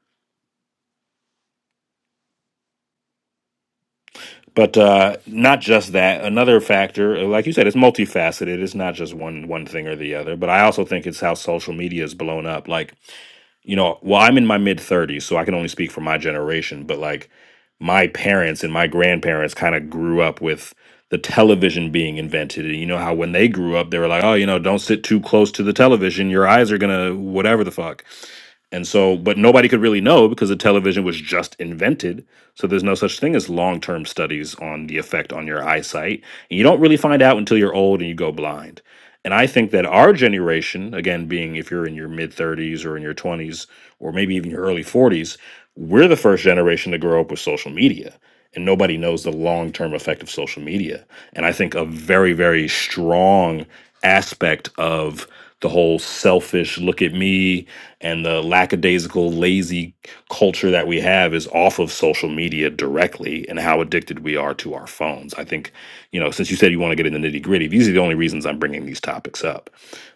I: But uh, not just that. Another factor, like you said, it's multifaceted. It's not just one one thing or the other. But I also think it's how social media is blown up. Like you know, well, I'm in my mid 30s, so I can only speak for my generation. But like my parents and my grandparents kind of grew up with the television being invented. And you know how when they grew up, they were like, oh, you know, don't sit too close to the television. Your eyes are gonna whatever the fuck and so, but nobody could really know because the television was just invented. So there's no such thing as long term studies on the effect on your eyesight. And you don't really find out until you're old and you go blind. And I think that our generation, again, being if you're in your mid 30s or in your 20s or maybe even your early 40s, we're the first generation to grow up with social media and nobody knows the long term effect of social media. And I think a very, very strong aspect of the whole selfish look at me and the lackadaisical, lazy culture that we have is off of social media directly and how addicted we are to our phones. I think, you know, since you said you want to get in the nitty gritty, these are the only reasons I'm bringing these topics up.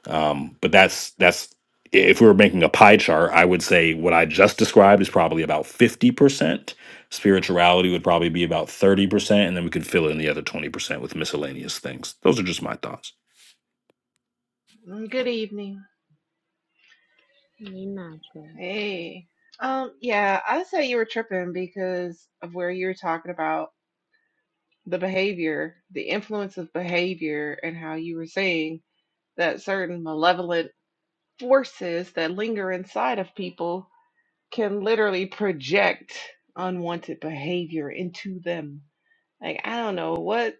I: Um, but that's, that's, if we were making a pie chart, I would say what I just described is probably about 50% Spirituality would probably be about 30%, and then we could fill in the other 20% with miscellaneous things. Those are just my thoughts.
J: Mm, Good evening.
B: Hey, Nacho.
J: Hey. Um, yeah, I say you were tripping because of where you were talking about the behavior, the influence of behavior, and how you were saying that certain malevolent forces that linger inside of people can literally project unwanted behavior into them. Like, I don't know what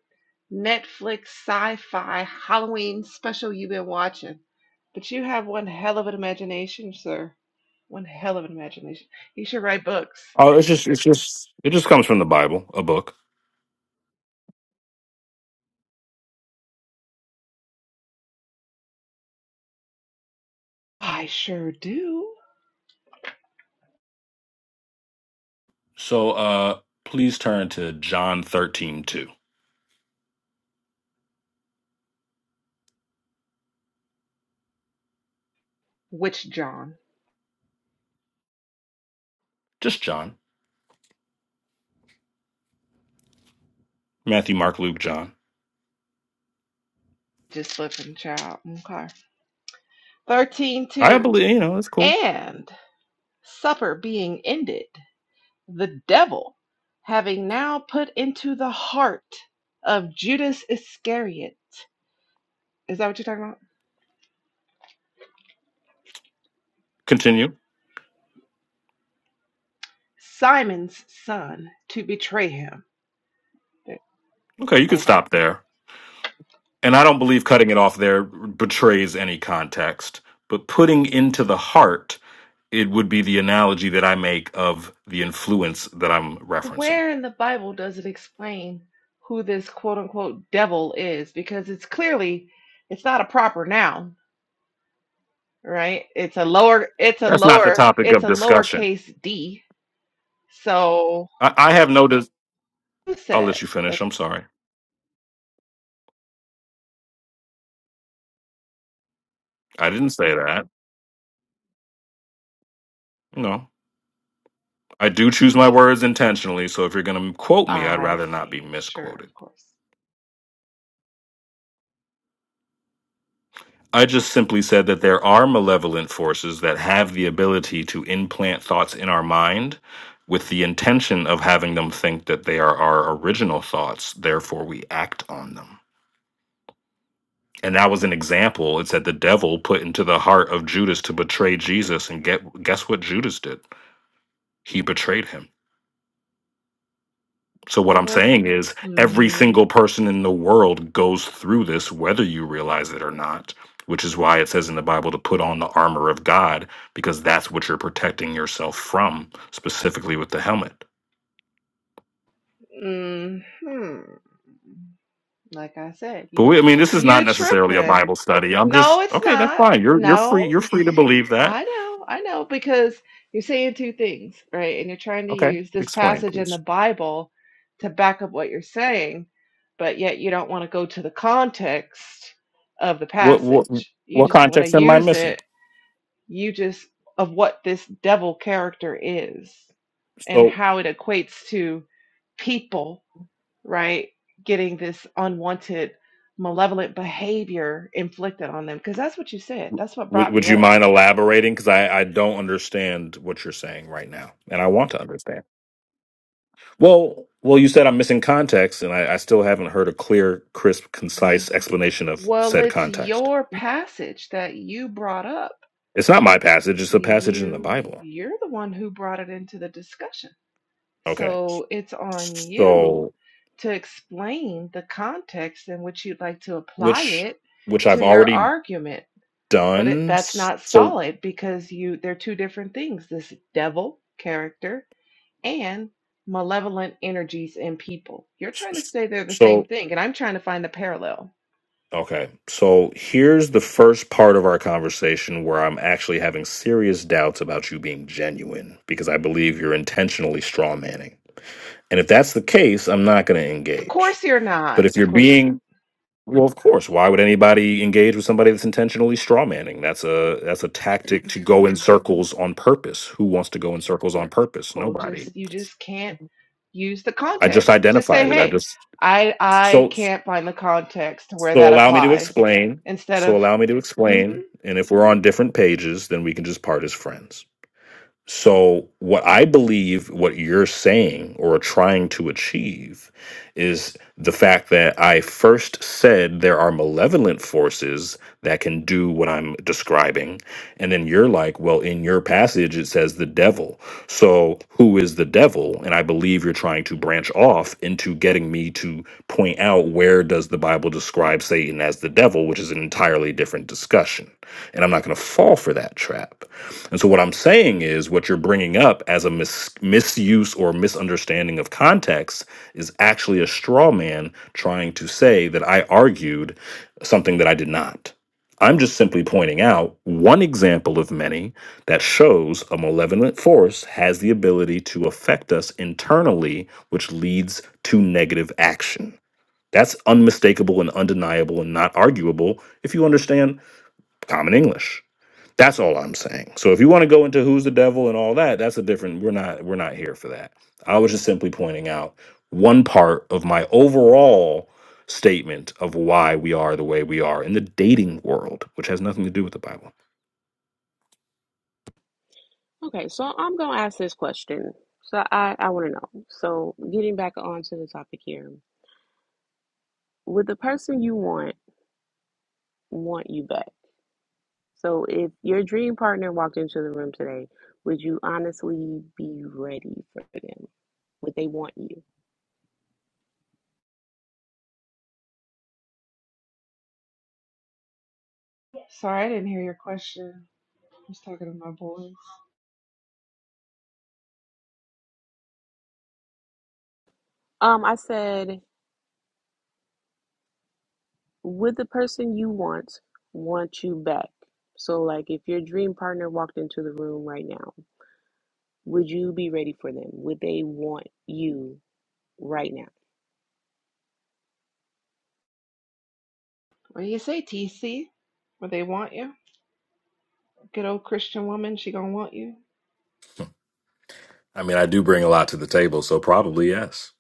J: Netflix sci fi Halloween special you've been watching, but you have one hell of an imagination, sir. One hell of an imagination. You should write books.
I: Oh, it's just, it's just, it just comes from the Bible, a book.
J: I sure do.
I: So, uh, please turn to John 13 2.
J: Which John?
I: Just John. Matthew, Mark, Luke, John.
J: Just looking, child. Okay. 13
I: I
J: two.
I: believe, you know, it's cool.
J: And supper being ended. the devil, having now put into the heart of Judas Iscariot, is that what you're talking about?
I: Continue.
J: Simon's son to betray him.
I: Okay, you could
J: Okay.
I: stop there. And I don't believe cutting it off there betrays any context, but putting into the heart it would be the analogy that I make of the influence that I'm referencing.
J: Where in the Bible does it explain who this quote unquote devil is? Because it's clearly it's not a proper noun, right? It's a lower it's a
I: That's not the
J: lower
I: topic
J: it's
I: of
J: a
I: discussion.
J: lowercase d. So
I: I, I have no. Dis-
J: who
I: I'll
J: said
I: let you finish.
J: that
I: I'm sorry. I didn't say that. No, I do choose my words intentionally. So if you're going to quote me, I'd
J: I
I: rather not be
J: see, sure,
I: misquoted.
J: of course.
I: I just simply said that there are malevolent forces that have the ability to implant thoughts in our mind with the intention of having them think that they are our original thoughts. Therefore, we act on them. And that was an example. It said the devil put into the heart of Judas to betray Jesus. And get, guess what Judas did? He betrayed him. So, what
J: What
I: I'm
J: was
I: saying is, every
J: mhm.
I: single person in the world goes through this, whether you realize it or not, which is why it says in the Bible to put on the armor of God, because that's what you're protecting yourself from, specifically with the helmet.
J: hmm Like I said,
I: But
J: you
I: we, I mean, this is not
J: you're
I: necessarily a
J: tripping.
I: Bible study. I'm
J: No,
I: just
J: it's
I: okay. That's
J: not.
I: fine. You're you're free.
J: No,
I: You're free to believe that.
J: I know, I know, because you're saying two things, right? And you're trying to
I: Okay,
J: use this
I: explain,
J: passage in
I: please.
J: the Bible to back up what you're saying, but yet you don't want to go to the context of the
I: What what
J: passage. You
I: what
J: just want to
I: context am I
J: use
I: missing?
J: it, you just of what this devil character is and
I: So
J: how it equates to people right? Getting this unwanted, malevolent behavior inflicted on them. Because that's what you said. That's what
I: would
J: brought
I: would
J: me
I: you
J: up.
I: mind elaborating? Because I I don't understand what you're saying right now, and I want to understand. Well, well, you said I'm missing context, and I, I still haven't heard a clear, crisp, concise explanation of
J: Well,
I: said
J: it's
I: context.
J: your passage that you brought up.
I: It's not my passage; it's a passage in the
J: You
I: Bible.
J: you're the one who brought it into the discussion.
I: Okay,
J: So it's on you
I: so
J: to explain the context in which you'd like to apply
I: which
J: it
I: which I've
J: to your
I: already
J: argument. but it,
I: done.
J: that's not
I: So
J: solid because you they're two different things this devil character and malevolent energies in people you're trying to say they're the
I: so
J: same thing and i'm trying to find the parallel
I: Okay. So here's the first part of our conversation where I'm actually having serious doubts about you being genuine because I believe you're intentionally straw manning. And if that's the case, I'm not going to
J: of
I: engage.
J: course you're
I: But
J: not
I: if you're
J: of course you're not
I: being well, of course, why would anybody engage with somebody that's intentionally straw manning? That's a that's a tactic to go in circles on purpose. Who wants to go in circles on purpose?
J: Cool.
I: Nobody.
J: just you just can't use the
I: I just
J: context just say
I: identified it. I
J: hey
I: just
J: i i
I: so
J: can't find the context to where
I: So
J: that
I: allow me to
J: applies
I: explain.
J: instead
I: So
J: of
I: allow me to
J: mm-hmm
I: explain. And if we're on different pages, then we can just part as friends. So what I believe what you're saying or trying to achieve is the fact that I first said there are malevolent forces that can do what I'm describing. And then you're like, well, in your passage it says the devil. So who is the devil? And I believe you're trying to branch off into you getting me to point out where does the Bible describe Satan as the devil, which is an entirely different discussion. And I'm not going to fall for that trap. And so what I'm saying is what you're bringing up as a mis- misuse or misunderstanding of context is actually a straw man trying to say that I argued something that I did not. I'm just simply pointing out one example of many that shows a malevolent force has the ability to affect us internally, which leads to negative action. That's unmistakable and undeniable and not arguable if you understand common English. That's all I'm saying. So if you want to go into who's the devil and all that, that's a different we're not we're not here for that. I was just simply pointing out one part of my overall statement of why we are the way we are in the dating world, which has nothing to do with the Bible.
B: Okay, so I'm going to ask this question. So, I, I want to know. So, getting back onto the topic here, would the person you want want you back? So, if your dream partner walked into the room today, would you honestly be ready for them? Would they want you?
J: sorry i didn't hear your question i was talking to my boys
B: Um, I said. would the person you want want you back? So, like, if your dream partner walked into the room right now, would you be ready for them? Would they want you right now?
J: what do you say tc Would they want you Good old Christian woman, she gonna want you.
I: I mean, I do bring a lot to the table, so probably yes.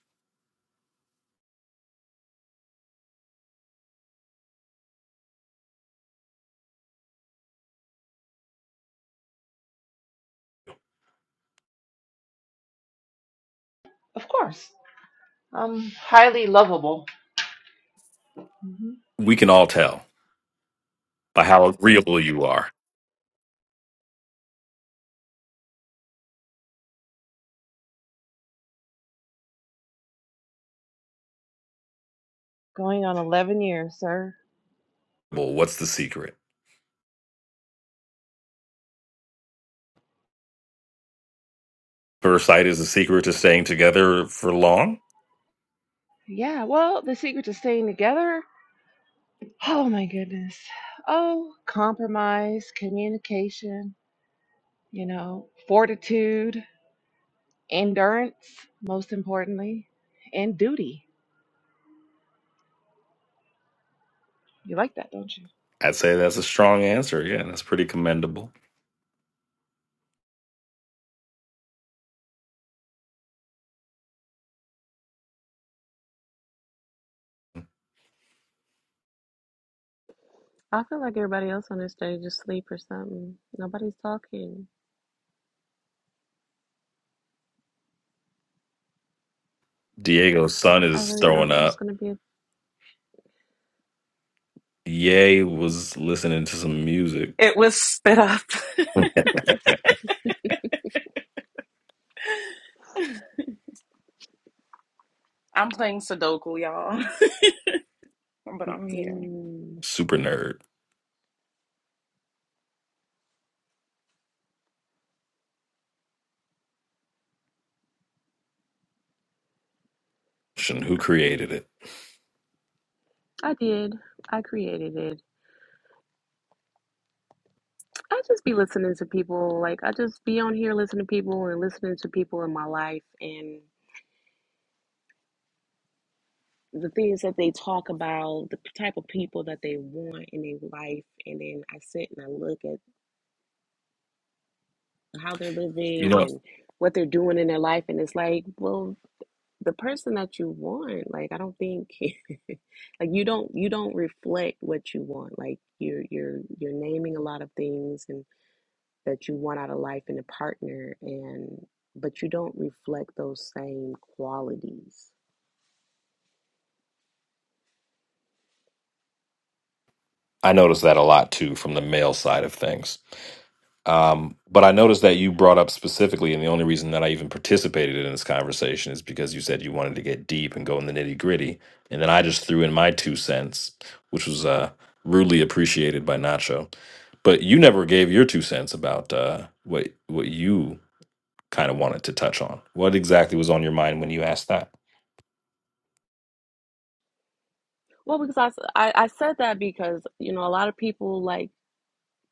J: Of course. I'm highly lovable. hmm
I: We can all tell by how agreeable you are.
J: Going on 11 years, sir.
I: Well, what's the secret? First sight is the secret to staying together for long.
J: Yeah, well, the secret to staying together. Oh my goodness. Oh, compromise, communication, you know, fortitude, endurance, most importantly, and duty. You like that, don't you?
I: I'd say that's a strong answer. Yeah, that's pretty commendable.
B: I feel like everybody else on this stage is asleep or something. Nobody's talking.
I: Diego's son
B: I
I: is
B: really thought
I: throwing
B: this
I: up.
B: was gonna be a.
I: Ye was listening to some music,
E: It was spit up. I'm playing Sudoku, y'all, but I'm here.
B: Mm-mm.
I: super nerd, and who created it.
B: I did. I created it. I just be listening to people. Like, I just be on here listening to people and listening to people in my life. and. the things that they talk about, the type of people that they want in their life. And then I sit and I look at how they're
I: You
B: living
I: know,
B: and what they're doing in their life. And it's like, well, the person that you want, like, I don't think, like, you don't, you don't reflect what you want. Like, you're, you're, you're naming a lot of things and that you want out of life and a partner. And, but you don't reflect those same qualities.
I: I noticed that a lot too from the male side of things. Um, but I noticed that you brought up specifically, and the only reason that I even participated in this conversation is because you said you wanted to get deep and go in the nitty gritty, and then I just threw in my two cents, which was uh, rudely appreciated by Nacho. But you never gave your two cents about uh, what what you kind of wanted to touch on. What exactly was on your mind when you asked that?
B: Well, because I, s- I, I said that because, you know, a lot of people like,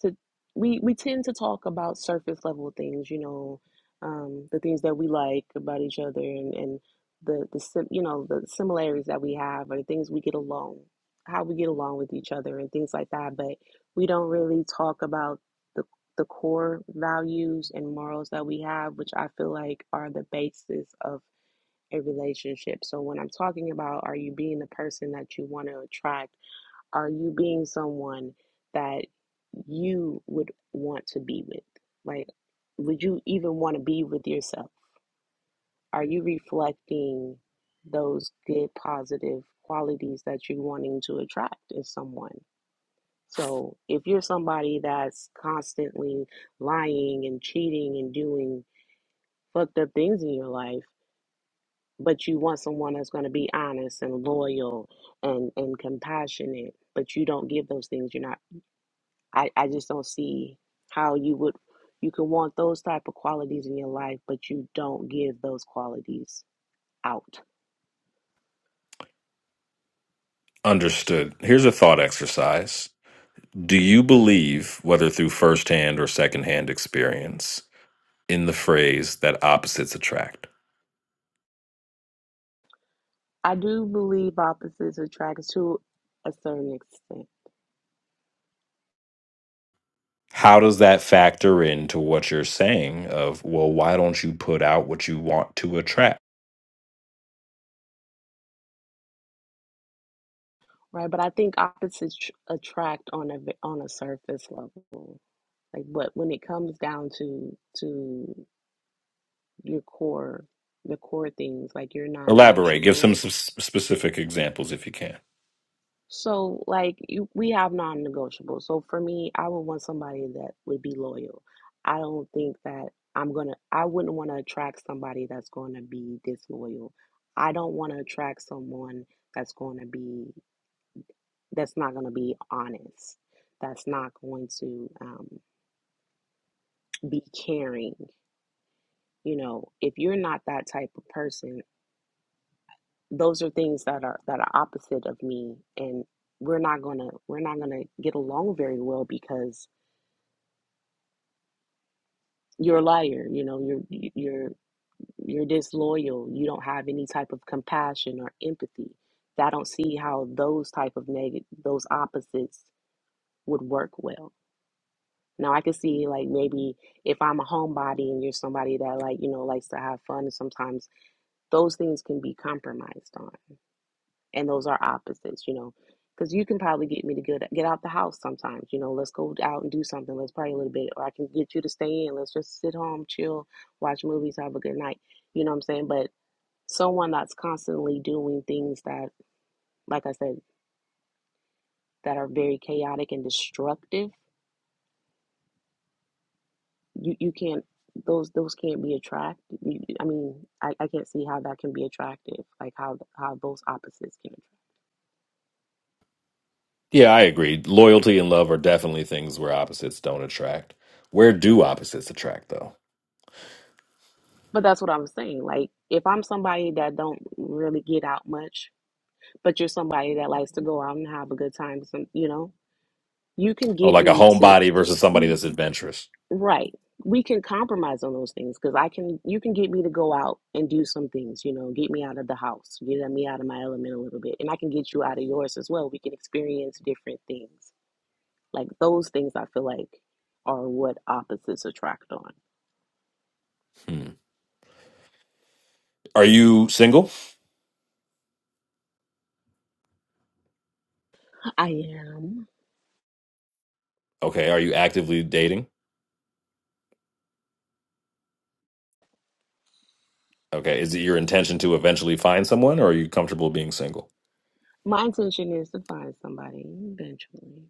B: to we we tend to talk about surface level things, you know, um, the things that we like about each other and and the the sim, you know the similarities that we have or the things we get along, how we get along with each other and things like that. But we don't really talk about the the core values and morals that we have, which I feel like are the basis of a relationship. So when I'm talking about are you being the person that you want to attract? Are you being someone that you would want to be with? Like, would you even want to be with yourself? Are you reflecting those good, positive qualities that you're wanting to attract in someone? So, if you're somebody that's constantly lying and cheating and doing fucked up things in your life, but you want someone that's going to be honest and loyal and, and compassionate, but you don't give those things, you're not I, I just don't see how you would you can want those type of qualities in your life, but you don't give those qualities out.
I: Understood. Here's a thought exercise. Do you believe, whether through firsthand or secondhand experience, in the phrase that opposites attract?
B: I do believe opposites attract to a certain extent,
I: How does that factor into what you're saying of, well, why don't you put out what you want to attract?
B: right? But I think opposites tr- attract on a on a surface level. Like, but when it comes down to to your core, the core things like your
I: Elaborate, give
B: non-negotiables,
I: some s- specific examples if you can.
B: So, like, you, we have non-negotiables. So, for me, I would want somebody that would be loyal. I don't think that I'm gonna, I wouldn't want to attract somebody that's going to be disloyal. I don't want to attract someone that's going to be, that's not going to be honest, that's not going to um, be caring. You know, if you're not that type of person, those are things that are that are opposite of me, and we're not gonna we're not gonna get along very well because you're a liar you know you're you're you're disloyal you don't have any type of compassion or empathy i don't see how those type of negative those opposites would work well now i could see like maybe if i'm a homebody and you're somebody that like you know likes to have fun sometimes those things can be compromised on and those are opposites, you know. Because you can probably get me to get get out the house sometimes, you know. Let's go out and do something. Let's pray a little bit, or I can get you to stay in. Let's just sit home, chill, watch movies, have a good night. You know what I'm saying? But someone that's constantly doing things that, like I said, that are very chaotic and destructive, you you can't those those can't be attractive. I mean, I, I can't see how that can be attractive. Like how how those opposites can. attract.
I: Yeah, I agree. Loyalty and love are definitely things where opposites don't attract. Where do opposites attract, though?
B: But that's what I'm saying. Like if I'm somebody that don't really get out much but you're somebody that likes to go out and have a good time. Some, you know, you can
I: Oh,
B: get
I: like a
B: me to
I: homebody versus somebody
B: y-
I: that's adventurous.
B: right. We can compromise on those things because I can. You can get me to go out and do some things. You know, get me out of the house, get me out of my element a little bit, and I can get you out of yours as well. We can experience different things. Like those things, I feel like are what opposites attract on.
I: Hmm. Are you single?
B: I am.
I: Okay. Are you actively dating? Okay. Is it your intention to eventually find someone or are you comfortable being single?
B: My intention is to find somebody eventually.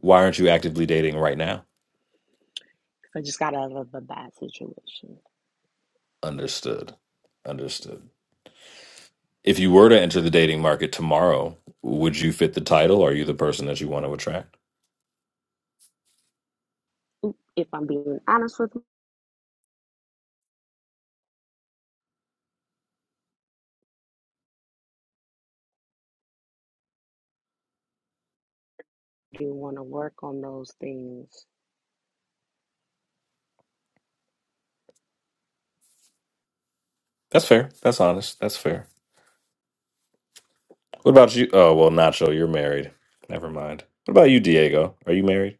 I: Why aren't you actively dating right now?
B: 'cause I just got out of a bad situation.
I: Understood. Understood. If you were to enter the dating market tomorrow, would you fit the title? Are you the person that you want to attract?
B: If I'm being honest with you want to work on those things.
I: That's fair. That's honest. That's fair. What about you? Oh, well, Nacho, you're married. Never mind. What about you, Diego? Are you married?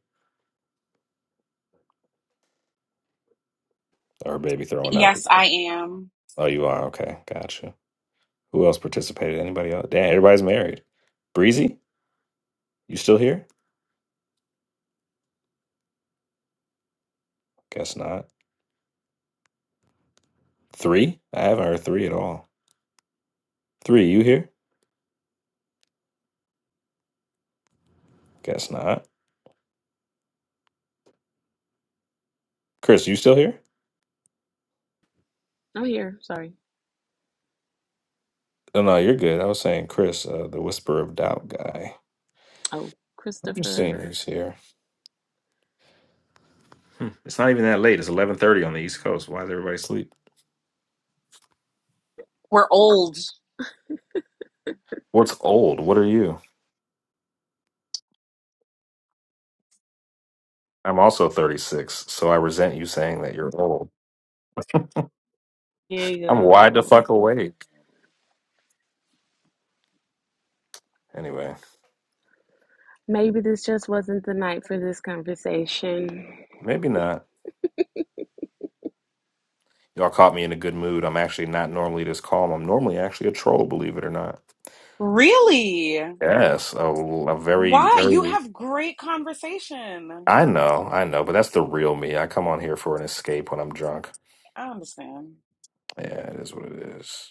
I: Or baby throwing up?
E: Yes, I am.
I: Oh, you are. Okay. Gotcha. Who else participated? Anybody else? Damn, everybody's married. Breezy, you still here? Guess not. Three? I haven't heard three at all. Three, you here? Guess not. Chris, you still here?
B: Oh here. Sorry.
I: No, no, you're good. I was saying Chris, uh, the whisper of doubt guy.
B: Oh,
I: I'm just seeing
B: Christopher
I: who's here. Hmm, It's not even that late. It's eleven thirty on the East Coast. Why is everybody asleep?
E: We're old.
I: What's old? What are you? I'm also thirty six, so I resent you saying that you're old. I'm wide the
B: Diego.
I: fuck awake. Anyway,
B: Maybe this just wasn't the night for this conversation.
I: maybe not. Y'all caught me in a good mood. I'm actually not normally this calm. I'm normally actually a troll, believe it or not.
E: Really?
I: Yes, a, a very,
E: Why? You
I: very.
E: have great conversation.
I: I know, I know, but that's the real me. I come on here for an escape when I'm drunk.
E: I understand.
I: Yeah, it is what it is.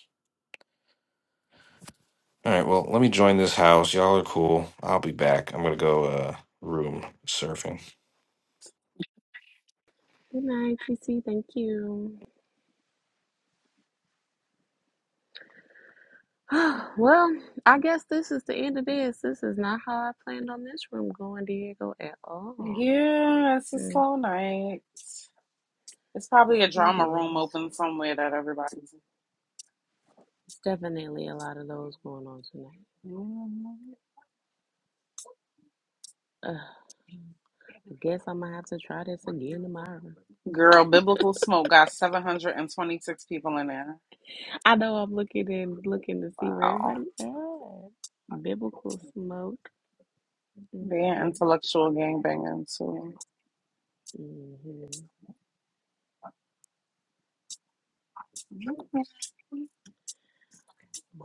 I: All right, well, let me join this house. Y'all are cool. I'll be back. I'm gonna go uh room surfing.
B: Good night, TC. Thank you. well, I guess this is the end of this. This is not how I planned on this room going, Diego, at all.
E: Yeah, it's a
B: Mm,
E: slow night. It's probably a
B: it
E: drama room
B: is.
E: open somewhere that everybody's
B: It's definitely a lot of those going on tonight.
E: in.
B: Ugh, I guess I'm gonna have to try this again tomorrow.
E: Girl, Biblical Smoke got 726 people in there.
B: I know I'm looking and looking to see where
E: Wow.
B: everybody at. Biblical smoke. mm
E: They're
B: mm
E: intellectual gangbanging, too.
B: mhm.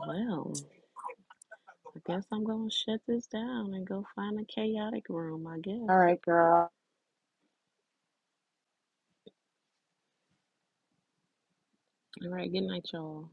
B: Well, I guess I'm gonna shut this down and go find a chaotic room, I guess.
E: All right, girl.
B: All right, good night, y'all.